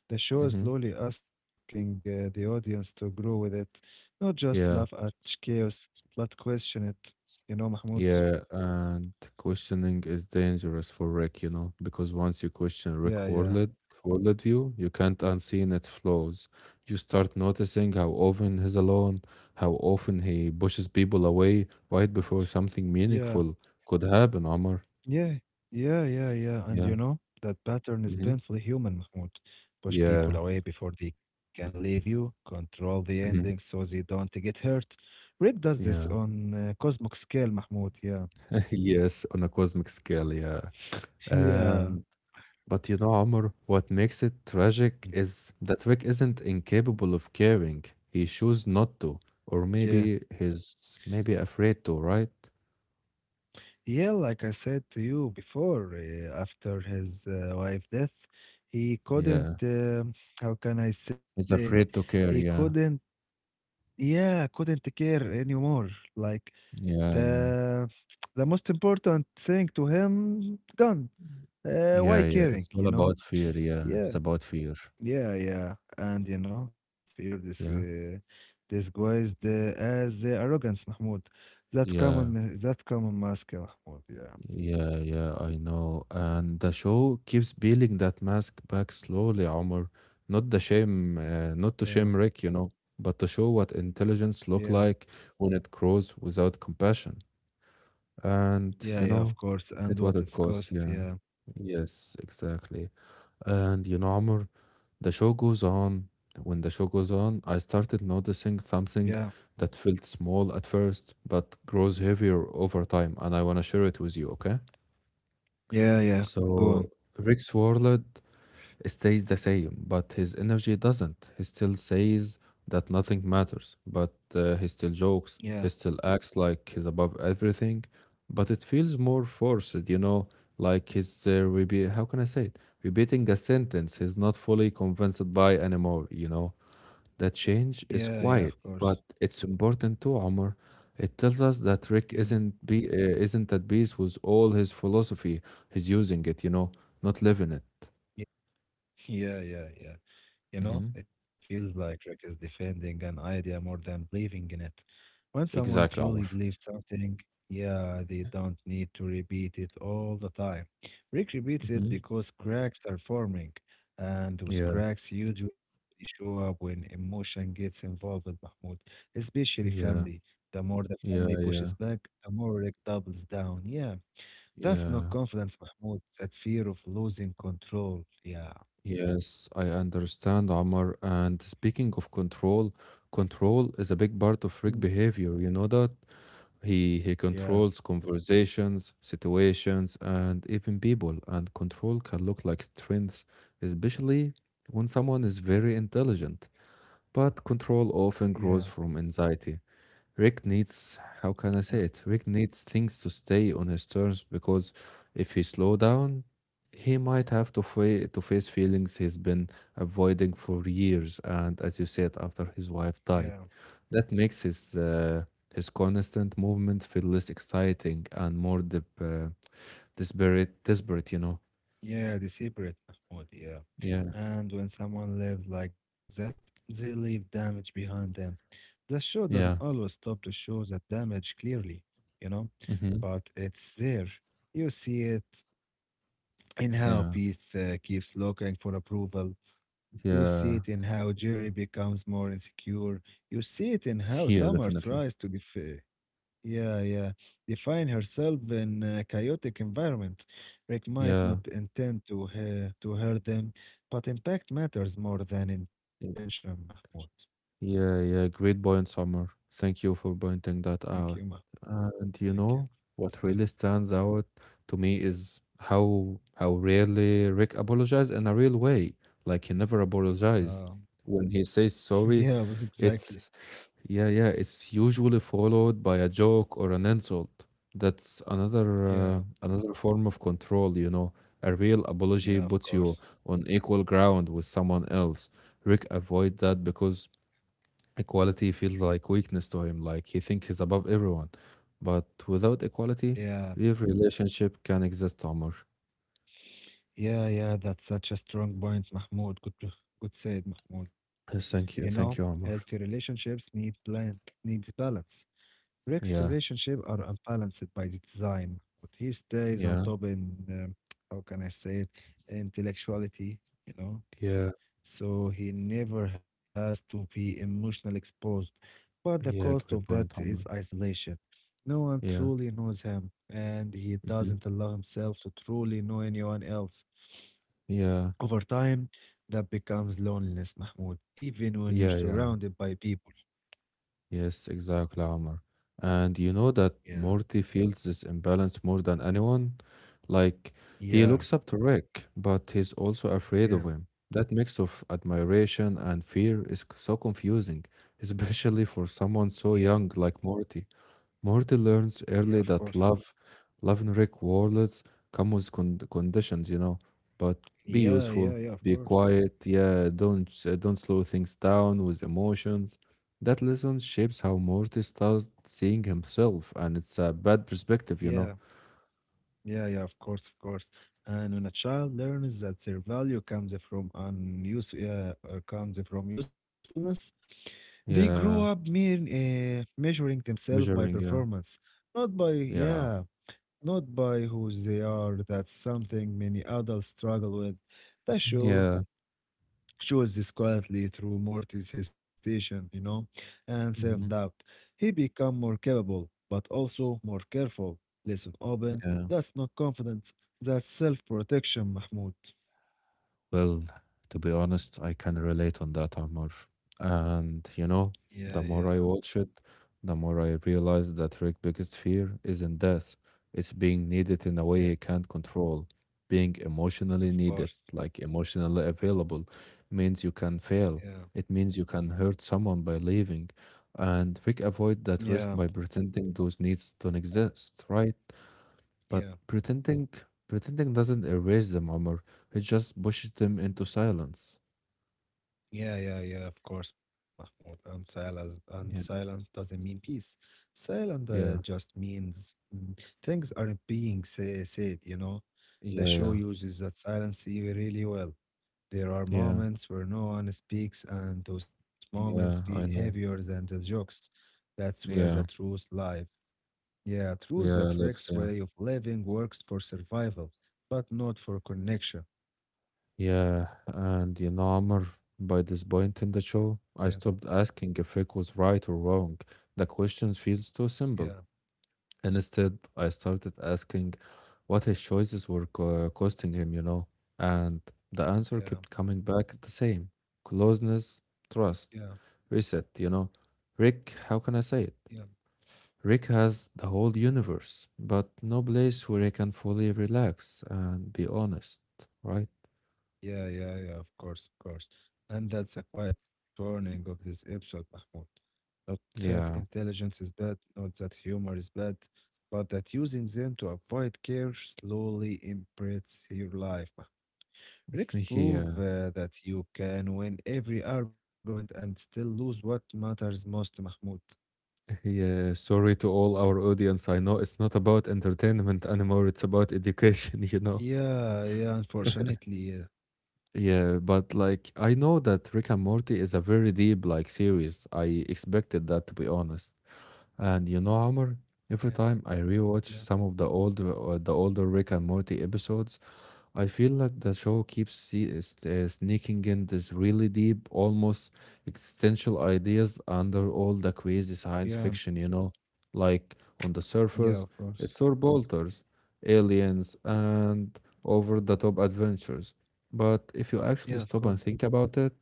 B: The show is
A: Hmm.
B: slowly asking the audience to grow with it, not just laugh
A: Yeah.
B: at chaos, but question it. You know, Mahmoud?
A: Yeah, and questioning is dangerous for Rick, you know, because once you question Rick
B: Yeah, yeah,
A: worldlet worldview, you can't unseen its flaws. You start noticing how often he's alone, how often he pushes people away right before something
B: yeah,
A: meaningful could happen, Omar.
B: yeah, yeah, yeah, yeah. And
A: Yeah.
B: you know, that pattern is
A: Hmm.
B: painfully human, Mahmoud. Push people
A: Yeah.
B: away before they can leave you, control the ending so
A: Hmm.
B: they don't get hurt. Rick does this
A: Yeah.
B: on cosmic scale, Mahmoud. Yeah,
A: Yes, on a cosmic scale, yeah.
B: yeah.
A: But you know, Omar, what makes it tragic is that Rick isn't incapable of caring. He chose not to, or
B: Yeah.
A: maybe he's maybe afraid to, right?
B: Yeah, like I said to you before, after his wife death, he couldn't,
A: Yeah,
B: how can I say it?
A: he's afraid to
B: He
A: care.
B: couldn't,
A: Yeah,
B: yeah, couldn't care anymore. Like
A: yeah, yeah,
B: the the most important thing to him gone.
A: yeah,
B: Why
A: yeah. It's
B: caring,
A: all
B: you know?
A: about fear. Yeah, it's
B: Yeah,
A: about fear.
B: yeah, yeah. And you know, fear this
A: Yeah,
B: disguised as arrogance, Mahmoud. That
A: yeah.
B: common, that common mask, Mahmoud. Yeah,
A: Yeah, yeah, I know. And the show keeps peeling that mask back slowly, Omar. Not the shame,
B: yeah,
A: not to shame Rick, you know, but to show what intelligence
B: yeah.
A: look like when it grows without compassion. And,
B: Yeah,
A: you
B: yeah, of
A: know,
B: course. And
A: it what
B: what
A: it
B: it's
A: costs,
B: cost.
A: yeah.
B: Yeah.
A: Yes, exactly. And, you know, Omar, the show goes on. When the show goes on, I started noticing
B: Yeah.
A: something that felt small at first, but grows heavier over time, and I want to share it with you, okay?
B: Yeah, yeah. Go on.
A: So Rick's world stays the same, but his energy doesn't. He still says that nothing matters, but he still jokes.
B: Yeah.
A: He still acts like he's above everything, but it feels more forced, you know, like he's repeat. How can I say it? Repeating a sentence he's not fully convinced by anymore, you know. The change
B: Yeah,
A: is
B: yeah, of
A: quiet,
B: course.
A: but it's important too, Omar. It tells us that Rick
B: Yeah.
A: isn't be uh, isn't at peace with all his philosophy. He's using it, you know, not living it.
B: Yeah, yeah, yeah. Yeah. You know,
A: Hmm.
B: it feels like Rick is defending an idea more than believing in it. When someone
A: Exactly,
B: truly
A: Omar.
B: believes something, yeah, they don't need to repeat it all the time. Rick repeats it
A: Hmm.
B: because cracks are forming, and those
A: Yeah,
B: cracks usually show up when emotion gets involved, Mahmoud, especially family.
A: yeah,
B: The more the family
A: yeah,
B: pushes
A: yeah,
B: back, the more Rick doubles down. Yeah, that's not
A: yeah.
B: confidence, Mahmoud. That fear of losing control. Yeah.
A: Yes, I understand, Omar. And speaking of control, control is a big part
B: Mm.
A: of Rick behavior. You know that? He
B: Yeah.
A: controls conversations, situations, and even people. And control can look like strength, especially when someone is very intelligent. But control often
B: Yeah.
A: grows from anxiety. Rick needs, how can I
B: Yeah.
A: say it? Rick needs things to stay on his terms because if he slow down, he might have to, to face feelings he's been avoiding for years. And as you said, after his wife
B: Yeah,
A: died, that makes his constant movement feel less exciting and more desperate. Desperate, you know.
B: yeah, they separate Mahmoud, yeah.
A: Yeah,
B: And when someone lives like that, they leave damage behind them. The show doesn't
A: yeah,
B: always stop to show that damage clearly, you know,
A: hmm
B: but it's there. You see it in how
A: yeah,
B: Pete keeps looking for approval. You see
A: yeah,
B: it in how Jerry becomes more insecure. You see it in how
A: yeah.
B: Summer
A: Definitely.
B: tries to def Yeah, yeah. Define herself in a chaotic environment. Rick might
A: Yeah.
B: not intend to hurt them, but impact matters more than intention, Mahmoud.
A: Yeah, yeah, great point, Summer. Thank you for pointing that
B: Thank you,
A: out.
B: Mahmoud.
A: And you
B: Thank you.
A: know what really stands out to me is how rarely Rick apologized in a real way. Like he never apologized.
B: Um,
A: When he says
B: yeah,
A: sorry,
B: exactly.
A: it's yeah, it's usually followed by a joke or an insult. That's
B: Yeah,
A: another form of control, you know. A real apology
B: yeah, of
A: puts you
B: course.
A: on equal ground with someone else. Rick avoid that because equality feels like weakness to him, like he thinks he's above everyone. But without equality,
B: Yeah,
A: real relationship can exist, Omar.
B: yeah, yeah. That's such a strong point, Mahmoud. Good, to- good said, Mahmoud.
A: Yes,
B: You
A: thank you,
B: know,
A: thank you, Omar.
B: healthy relationships need plan, needs balance. Rick's
A: Yeah,
B: relationship are unbalanced by the design, but he stays
A: yeah,
B: on top in how can I say it, intellectuality, you know.
A: yeah,
B: So he never has to be emotionally exposed, but the
A: yeah.
B: cost of
A: Great
B: that
A: point,
B: is
A: Omar.
B: isolation. No one
A: Yeah,
B: truly knows him, and he
A: mhm.
B: doesn't allow himself to truly know anyone else.
A: Yeah,
B: Over time, that becomes loneliness, Mahmoud, even
A: yeah,
B: when you're
A: yeah.
B: surrounded by people.
A: Yes, exactly, Omar. And you know that
B: Yeah,
A: Morty feels this imbalance more than anyone? Like, he looks up
B: yeah,
A: to Rick, but he's also afraid of him.
B: yeah,
A: That mix of admiration and fear is so confusing, especially for someone so
B: yeah,
A: young like Morty. Morty learns early
B: yeah, of
A: that
B: course.
A: love and rewards come with conditions, you know. But be useful,
B: Yeah, yeah,
A: be
B: yeah, of course.
A: quiet. Yeah, don't don't slow things down with emotions. That lesson shapes how Morty starts seeing himself, and it's a bad perspective, you know.
B: Yeah, yeah, yeah, of course, of course. And when a child learns that their value comes from usefulness, they grow
A: Yeah,
B: up mean, measuring themselves by
A: measuring. Yeah,
B: performance, not by,
A: yeah,
B: yeah, not by who they are. That's something many adults struggle with. The show
A: yeah.
B: she was this quietly through Morty's hesitation, you know, and
A: hmm
B: self-doubt. He became more capable, but also more careful. Listen open.
A: Yeah.
B: That's not confidence. That's self-protection, Mahmoud.
A: Well, to be honest, I can relate on that, Amar. And you know,
B: Yeah,
A: the
B: yeah,
A: more I watch it, the more I realize that Rick's biggest fear isn't death. It's being needed in a
B: yeah,
A: way he can't control. Being emotionally
B: of
A: needed,
B: course.
A: like emotionally available, means you can fail.
B: Yeah,
A: It means you can hurt someone by leaving. And Rick avoid that
B: yeah,
A: risk by pretending those needs don't exist, right? But
B: yeah,
A: pretending doesn't erase them, Omar. It just pushes them into silence.
B: yeah, yeah, yeah, of course, Mahmoud. And silence, and
A: Yeah.
B: silence doesn't mean peace. Silence uh,
A: Yeah.
B: just means mm, things aren't being said, you know. The show
A: Yeah.
B: uses that silence really well. There are
A: Yeah. Yeah.
B: moments where no one speaks, and those moments feel
A: Yeah. I
B: heavier
A: know.
B: than the jokes. That's where the
A: Yeah.
B: truth lies. Yeah, truth
A: Yeah.
B: that
A: Lives.
B: Rick's
A: Yeah.
B: way of living works for survival, but not for connection.
A: Yeah. And you know, Omar, by this point in the show,
B: Yeah,
A: I stopped asking if Rick was right or wrong. The question feels too
B: yeah,
A: simple. Instead, I started asking what his choices were costing him, you know, and the answer
B: yeah,
A: kept coming back the same: closeness,
B: yeah,
A: trust, reset, you know. Rick, how can I say
B: yeah,
A: it? Rick has the whole universe, but no place where he can fully relax and be honest, right?
B: yeah, yeah, yeah, of course, of course. And that's a quiet warning of this episode, Mahmoud. Not that
A: Yeah,
B: intelligence is bad, not that humor is bad, but that using them to avoid care slowly imprints your life. Tricks prove
A: yeah,
B: uh, that you can win every argument and still lose what matters most, Mahmoud.
A: yeah. Sorry to all our audience. I know it's not about entertainment anymore, it's about education, you know.
B: Yeah, yeah, unfortunately, yeah.
A: Yeah, but like I know that Rick and Morty is a very deep like series. I expected that to be honest. And you know, Amr,
B: Yeah,
A: every time I rewatch
B: yeah,
A: some of the old the older Rick and Morty episodes, I feel like the show keeps sneaking in these really deep, almost existential ideas under all the crazy
B: yeah,
A: science fiction, you know? Like on the
B: yeah, of
A: surface,
B: course.
A: it's all bolters, aliens, and over the top adventures. But if you actually
B: Yeah, of
A: stop and
B: course.
A: think about it,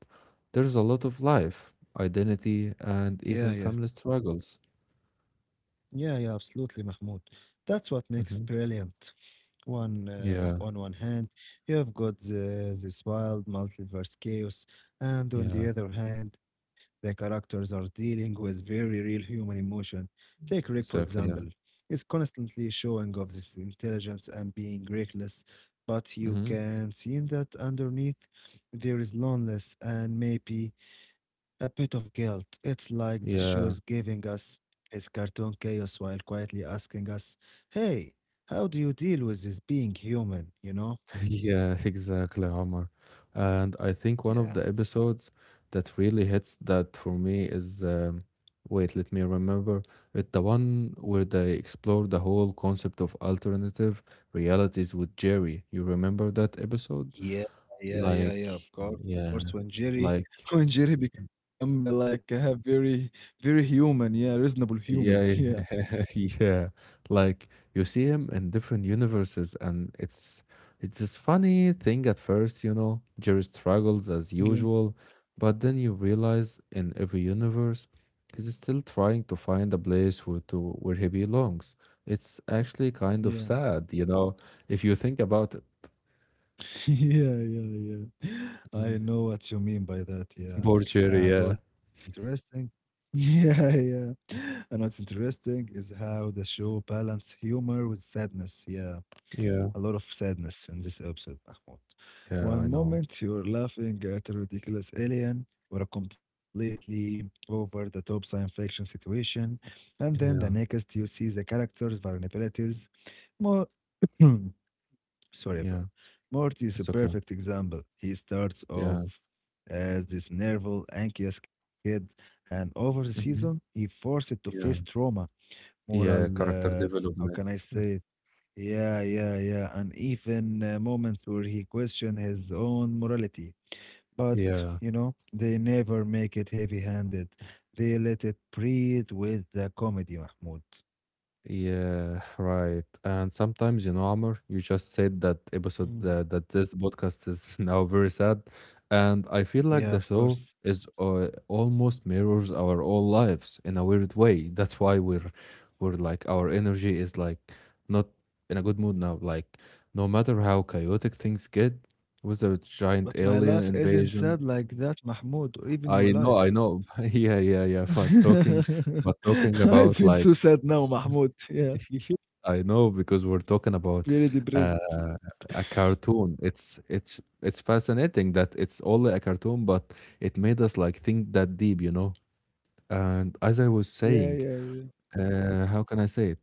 A: there's a lot of life, identity,
B: Yeah,
A: and
B: yeah.
A: even family struggles.
B: Yeah, yeah, absolutely, Mahmoud. That's what makes
A: hmm
B: brilliant. One
A: Yeah,
B: on one hand, you have got this wild multiverse chaos, and on
A: yeah,
B: the other hand, the characters are dealing with very real human emotion. Take Rick, for
A: exactly.
B: example.
A: Yeah.
B: He's constantly showing off this intelligence and being reckless, but you
A: hmm
B: can see in that underneath there is loneliness and maybe a bit of guilt. It's like the show's
A: Yeah.
B: giving us his cartoon chaos while quietly asking us, hey, how do you deal with this being human, you know?
A: Yeah, exactly, Omar. And I think one of
B: Yeah.
A: the episodes that really hits that for me is wait, let me remember. It's the one where they explore the whole concept of alternative realities with Jerry. You remember that episode?
B: Yeah, yeah, yeah,
A: Like,
B: yeah. Of course, of
A: yeah,
B: course. When Jerry,
A: like
B: when Jerry become like a very, very human, yeah, reasonable human,
A: Yeah,
B: yeah,
A: yeah. Like you see him in different universes, and it's this funny thing at first, you know. Jerry struggles as
B: yeah,
A: usual, but then you realize in every universe, he's still trying to find a place where he belongs. It's actually kind
B: yeah,
A: of sad, you know, if you think about it.
B: yeah, yeah, yeah.
A: Mm.
B: I know what you mean by that,
A: Poor
B: yeah.
A: Jerry, yeah,
B: And what's interesting, yeah, yeah. And what's interesting is how the show balance humor with sadness, yeah.
A: yeah,
B: A lot of sadness in this episode, Mahmoud.
A: yeah. I
B: One
A: know.
B: moment you're laughing at a ridiculous alien or a completely over the top science fiction situation, and then the
A: Yeah,
B: next you see the character's vulnerabilities. More, sorry,
A: yeah.
B: bro. Morty is a
A: It's okay.
B: perfect example. He starts
A: Yeah.
B: off as this nervous, anxious kid, and over the season, he
A: Mhm.
B: forced to face
A: Yeah.
B: trauma, moral,
A: Yeah, character
B: how can I
A: development.
B: say it? Yeah, yeah, yeah. And even moments where he questioned his own morality. But,
A: Yeah,
B: you know, they never make it heavy handed. They let it breathe with the comedy, Mahmoud.
A: yeah, right. And sometimes, you know, Amr, you just said that episode
B: Mm.
A: that this podcast is now very sad, and I feel like the
B: Yeah, of
A: show
B: course.
A: is almost mirrors our own lives in a weird way. That's why we're like our energy is like not in a good mood now. Like no matter how chaotic things get, with a giant
B: But
A: alien
B: my life
A: invasion,
B: isn't sad like that, Mahmoud, or even your
A: I know,
B: life.
A: yeah, yeah, yeah. But talking
B: I
A: about
B: feel
A: like
B: so sad now, Mahmoud. Yeah,
A: I know because we're talking about
B: very
A: uh,
B: depressed.
A: a cartoon. It's fascinating that it's only a cartoon, but it made us like think that deep, you know. And as I was
B: Yeah, yeah,
A: saying,
B: yeah. Co-
A: how can I say it?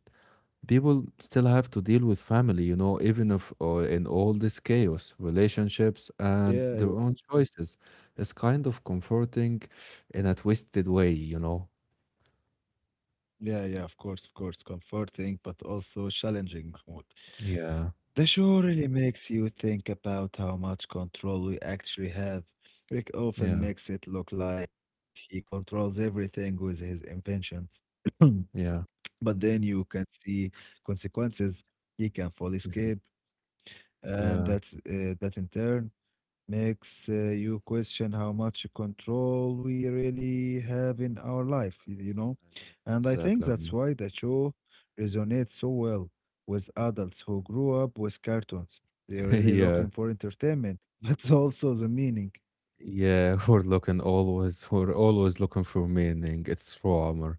A: People still have to deal with family, you know, even if or in all this chaos, relationships and
B: Yeah,
A: their
B: yeah,
A: own choices. It's kind of comforting in a twisted way, you know.
B: yeah, yeah, of course, of course. Comforting, but also challenging, Mahmoud.
A: Yeah,
B: The show really makes you think about how much control we actually have. Rick often
A: yeah,
B: makes it look like he controls everything with his inventions. But
A: yeah,
B: then you can see consequences he can fall
A: mhm.
B: escape, and
A: Yeah.
B: that in turn makes you question how much control we really have in our lives, you know?
A: Yeah,
B: And I think that's
A: exactly.
B: why the show resonates so well with adults who grew up with cartoons. They're really
A: Yeah,
B: looking for entertainment, but also the meaning.
A: yeah, we're looking always, we're always looking for meaning. It's Roamer.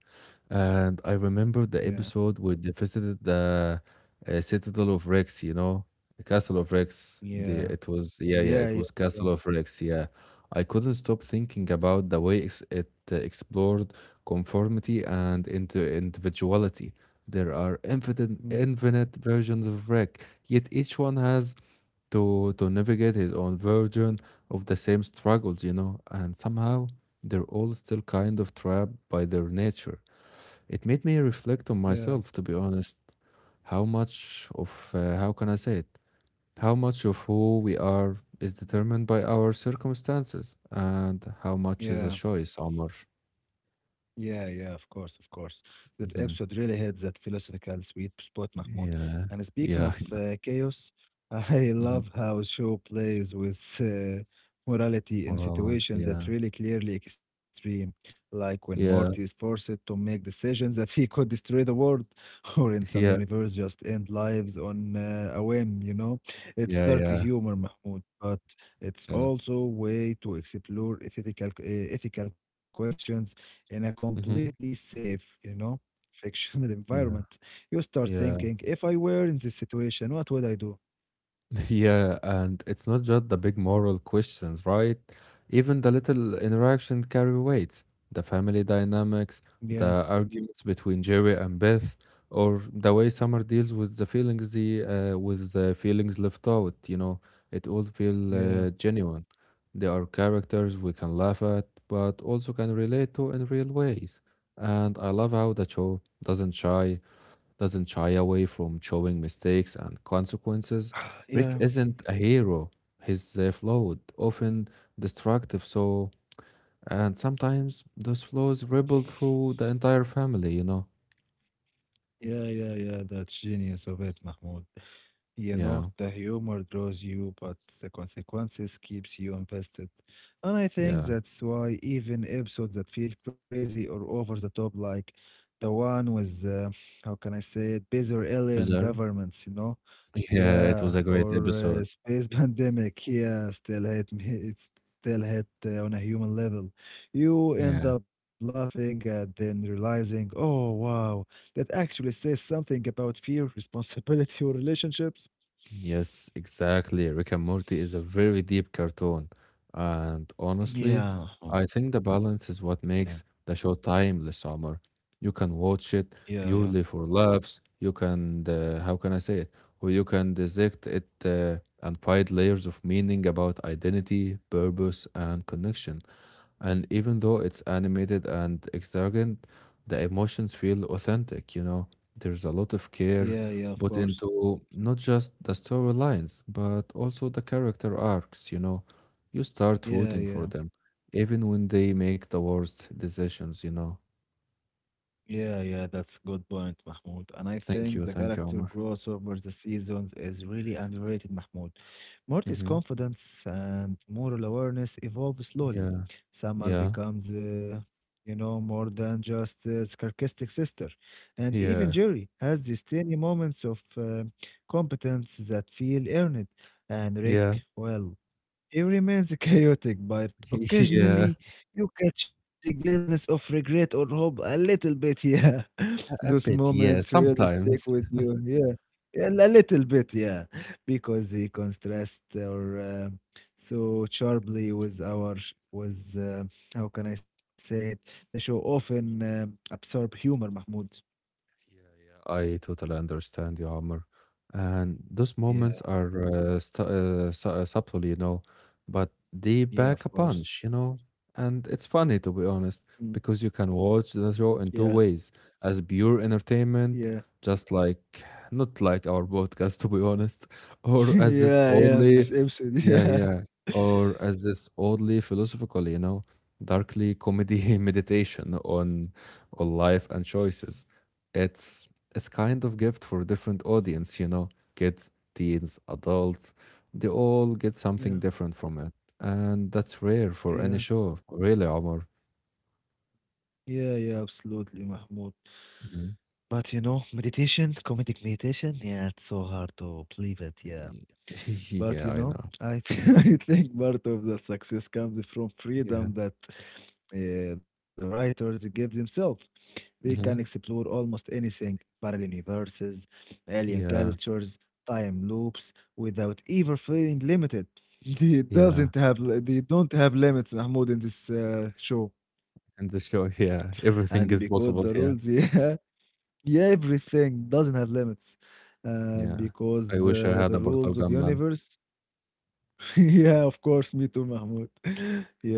A: And I remember the
B: Yeah,
A: episode where they visited the Citadel of Rex, you know, the Castle of Rex. The,
B: yeah,
A: it was, yeah, yeah,
B: yeah,
A: it
B: yeah,
A: was
B: yeah,
A: Castle of Rex. Yeah. I couldn't stop thinking about the way ex it explored conformity and into individuality. There are
B: mm,
A: infinite versions of Rex, yet each one has to navigate his own version of the same struggles, you know, and somehow they're all still kind of trapped by their nature. It made me reflect on
B: yeah,
A: myself, to be honest, how much of how can I say it? How much of who we are is determined by our circumstances, and how much is a
B: yeah.
A: choice, Omar.
B: Yeah, yeah, of course, of course. That episode
A: hmm
B: really hit that philosophical sweet spot, Mahmoud.
A: Yeah,
B: And speaking
A: yeah,
B: of
A: I
B: chaos, I
A: know. Mhm.
B: love how show plays with morality in
A: Morality.
B: situations
A: Yeah,
B: that really clearly extreme, like when Morty is
A: yeah,
B: forced to make decisions that he could destroy the world, or in some
A: yeah,
B: universe just end lives on a whim. It's
A: yeah,
B: dark
A: yeah,
B: humor, Mahmoud, but it's
A: yeah.
B: also way to explore ethical questions in a completely
A: hmm
B: safe, fictional environment.
A: Yeah.
B: You start thinking,
A: Yeah.
B: if I were in this situation, what would I do?
A: Yeah, and it's not just the big moral questions, right? Even the little interaction carry weight, the family dynamics,
B: Yeah,
A: the arguments between Jerry and Beth, or the way Summer deals with the feelings the with the feelings left out, you know, it all feel
B: yeah.
A: genuine. They are characters we can laugh at, but also can relate to in real ways. And I love how the show doesn't shy away from showing mistakes and consequences. Rick
B: Yeah,
A: isn't a hero. He's flawed, often destructive, so, and sometimes those flaws ripple through the entire family, you know?
B: yeah, yeah, yeah. That's genius of it, Mahmoud. You know,
A: Yeah,
B: the humor draws you, but the consequences keeps you invested. And I think
A: yeah.
B: that's why even episodes that feel crazy or over the top, like the one with, how can I say it, bizarre alien
A: Bizarre.
B: governments.
A: Yeah, it was
B: Yeah,
A: a great
B: or
A: episode.
B: space pandemic. Yeah, still hit me. It's still hit on a human level. You end
A: Yeah.
B: up laughing and then realizing, oh, wow, that actually says something about fear, responsibility, or relationships.
A: Yes, exactly. Rick and Morty is a very deep cartoon. And honestly,
B: Yeah, Mahmoud.
A: I think the balance is
B: Yeah,
A: what makes the show timeless, Omar. You can watch it
B: yeah, yeah,
A: purely for laughs. You can, how can I say it? Or you can dissect it and find layers of meaning about identity, purpose, and connection. And even though it's animated and extravagant, the emotions feel authentic, you know. There's a lot of
B: yeah,
A: care
B: yeah, of
A: put
B: course.
A: into not just the storylines, but also the character arcs, you know. You start
B: Yeah,
A: rooting for
B: yeah.
A: them, even when they make the worst decisions, you know.
B: Yeah, yeah, that's good point, Mahmoud. And I think the
A: Thank you,
B: character
A: Omar.
B: growth over the seasons is really underrated, Mahmoud. Morty's
A: Mm-hmm.
B: confidence and moral awareness evolve slowly.
A: Yeah,
B: Summer
A: yeah,
B: becomes, you know, more than just a sarcastic sister. And even
A: yeah,
B: Jerry has these tiny moments of competence that feel earned. And
A: yeah,
B: Rick, well, he remains chaotic, but
A: yeah,
B: occasionally you catch a glimpse of regret or hope a little bit. Yeah, those
A: a bit,
B: moments
A: yeah,
B: really stick
A: sometimes.
B: with you. Yeah, yeah, a little bit. Yeah, because he contrasts or so sharply with our sh- was how can I say it? The show often absorb humor, Mahmoud.
A: I totally understand you, Amr. And those moments
B: Yeah,
A: are stu su subtle, you know, but they back a
B: yeah, of
A: punch,
B: course.
A: you know. And it's funny, to be honest,
B: Mm,
A: because you can watch the show in
B: yeah,
A: two ways, as pure entertainment,
B: yeah,
A: just like, not like our podcast, to be honest, or as this
B: yeah, yeah. This
A: oddly, yeah,
B: episode.
A: yeah, or as this oddly philosophical, you know, darkly comedy meditation on life and choices. It's it's kind of gift for different audience, you know, kids, teens, adults, they all get something
B: Yeah,
A: different from it. And that's rare
B: yeah,
A: for any
B: yeah.
A: show, really, Omar.
B: Yeah, yeah, absolutely, Mahmoud.
A: Mhm.
B: But you know, meditation, comedic meditation, yeah, it's so hard to believe it, yeah.
A: Y-
B: But
A: Yeah,
B: you
A: I
B: know,
A: know.
B: I think part of the success comes from
A: Yeah.
B: freedom that the writers give themselves. They can
A: hmm
B: explore almost anything, parallel universes, alien
A: Yeah.
B: cultures, time loops, without ever feeling limited.
A: Yeah.
B: They don't have limits, Mahmoud, in this show
A: And the show, yeah,
B: and
A: everything
B: because
A: is
B: the
A: possible
B: rules
A: here.
B: yeah. Yeah, everything doesn't have limits. And
A: Yeah.
B: because
A: I wish I had
B: the
A: a
B: rules
A: portal
B: of
A: gun, man.
B: universe, yeah, of course, me too, Mahmoud.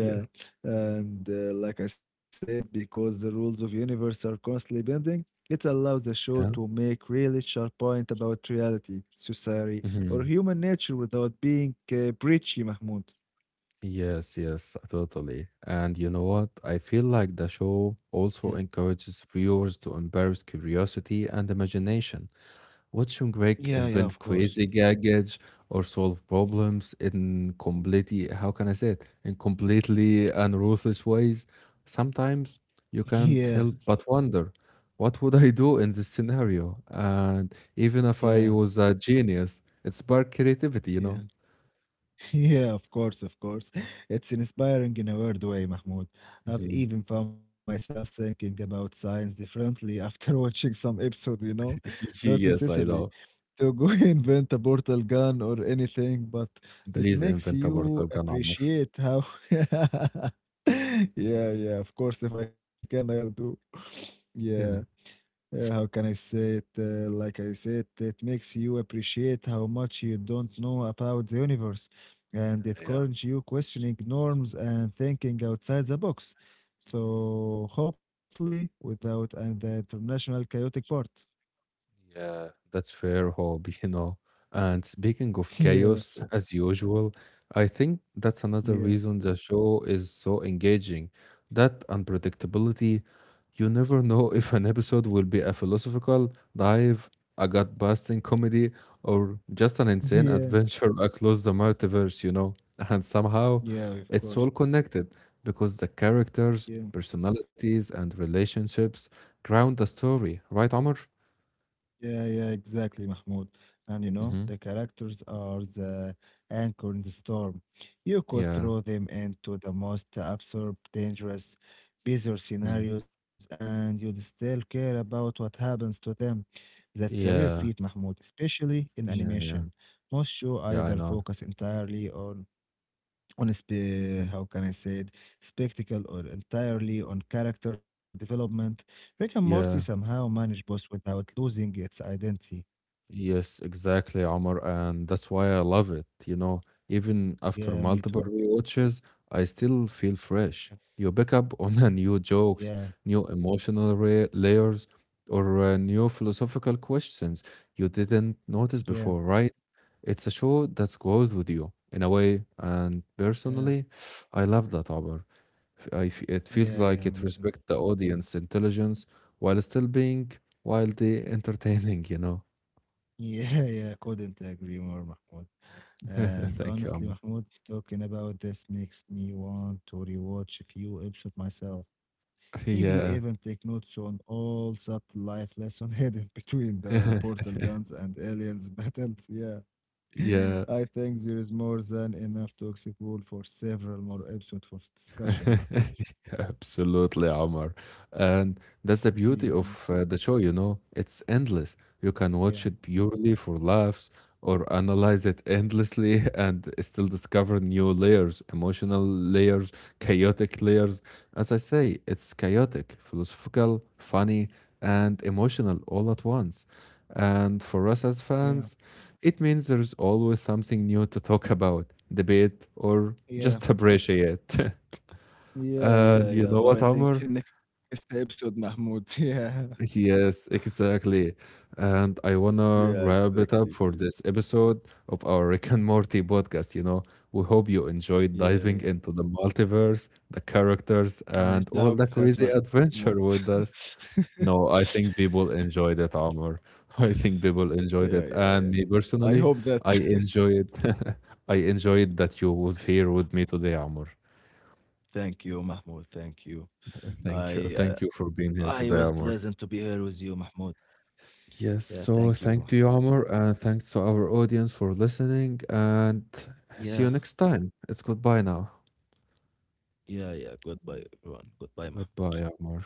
A: Yeah.
B: And like I said, because the rules of universe are constantly bending, it allows the show
A: Yeah.
B: to make really sharp point about reality, society, or
A: Mhm.
B: human nature without being preachy, Mahmoud.
A: Yes, yes, totally. And you know what? I feel like the show
B: Yeah.
A: also encourages viewers to embrace curiosity and imagination. Watching Greg
B: Yeah, yeah,
A: invent
B: of course.
A: crazy gadgets or solve problems in completely, how can I say it, in completely and ruthless ways, sometimes you
B: Yeah,
A: can't help but wonder, what would I do in this scenario? And even if I
B: yeah,
A: was a genius, it sparked creativity, you
B: yeah.
A: know?
B: Yeah, of course, of course. It's inspiring in a weird way, Mahmoud. I've
A: Mhm.
B: even found myself thinking about science differently after watching some episode, you know? Not
A: Yes, I
B: necessarily
A: know.
B: to go invent a portal gun or anything, but it
A: Please
B: makes
A: invent a portal
B: you
A: gun armor.
B: appreciate how. Yeah, yeah, of course, if I can, I'll do. Yeah.
A: Yeah.
B: How can I say it? Like I said, it makes you appreciate how much you don't know about the universe, and it
A: Yeah, yeah.
B: encourages you questioning norms and thinking outside the box. So hopefully, without and the international chaotic part.
A: Yeah, that's fair, hobby, you know. And speaking of
B: Yeah,
A: chaos, as usual, I think that's another
B: yeah,
A: reason the show is so engaging. That unpredictability, you never know if an episode will be a philosophical dive, a gut-busting comedy, or just an insane
B: yeah,
A: adventure across the multiverse, you know. And somehow
B: yeah. Of
A: it's
B: course.
A: all connected because the characters,
B: Yeah.
A: personalities, and relationships ground the story, right, Omar?
B: Yeah, yeah, exactly, Mahmoud. And you know, the characters are the anchor in the storm. You could
A: Yeah.
B: throw them into the most absurd, dangerous, bizarre
A: Mm.
B: scenarios, and you'd still care about what happens to them. That's a rare feat,
A: Yeah.
B: Mahmoud, especially in
A: Yeah. Yeah.
B: animation. Most shows
A: Yeah. I
B: either
A: know.
B: focus entirely on
A: Mhm.
B: how can I say it, spectacle or entirely on character development, Rick and Morty
A: Yeah.
B: somehow manage both without losing its identity.
A: Yes, exactly, Omar. And that's why I love it. You know, even after
B: Yeah,
A: multiple
B: me too.
A: rewatches, I still feel fresh.
B: Yeah,
A: You pick up on a new jokes,
B: yeah,
A: new emotional layers, or new philosophical questions you didn't notice before,
B: yeah,
A: right? It's a show that grows with you in a way. And personally,
B: yeah,
A: I love that, Omar. F- I f It feels
B: yeah,
A: like
B: yeah,
A: it
B: me
A: respects
B: too.
A: the audience intelligence while still being wildly entertaining, you know?
B: Yeah, yeah, couldn't agree more, Mahmoud. And
A: Thank you, Amr.
B: honestly, Mahmoud, talking about this makes me want to rewatch a few episodes myself. Maybe even
A: Yeah.
B: take notes on all subtle life lesson hidden between the portal guns and aliens battles. Yeah.
A: Yeah.
B: I think there is more than enough to explore for several more episodes for discussion.
A: Absolutely, Omar. And that's the
B: Mahmoud.
A: beauty of the show, you know, it's endless. You can
B: Yeah,
A: watch it purely for laughs or analyze it endlessly and still discover new layers, emotional layers, chaotic layers. As I say, it's chaotic, philosophical, funny, and emotional all at once. And for us as
B: yeah, yeah,
A: fans, it means there's always something new to talk about, debate, or
B: yeah,
A: just appreciate.
B: yeah, yeah,
A: And you
B: yeah.
A: know
B: But
A: what,
B: I think
A: Amr?
B: in next episode, Mahmoud. Yeah.
A: Yes, exactly. And I
B: Yeah,
A: wanna wrap it
B: exactly,
A: up for
B: please.
A: this episode of our Rick and Morty podcast. You know, we hope you enjoyed
B: Yeah,
A: diving
B: yeah.
A: into the multiverse, the characters,
B: I
A: and all
B: doubt
A: the
B: that,
A: crazy
B: Mahmoud.
A: adventure with us. No, I think people enjoyed it, Amr. I think people enjoyed
B: Yeah,
A: it,
B: yeah, yeah.
A: and me
B: I
A: personally,
B: hope
A: I
B: that.
A: enjoyed. I enjoyed that you was here with me today, Amr.
B: Thank you, Mahmoud. Thank you. I uh,
A: Thank you for being
B: I
A: here
B: was
A: today,
B: pleasant to
A: Amr.
B: be here with you, Mahmoud. Yeah,
A: Yes,
B: thank
A: so
B: you,
A: thank to
B: Mahmoud.
A: you,
B: Thank.
A: Amr, and thanks to our audience for listening. And see
B: Yeah,
A: you next time. It's goodbye now.
B: yeah, yeah. Goodbye, everyone. Goodbye, Mahmoud.
A: Goodbye, Amr.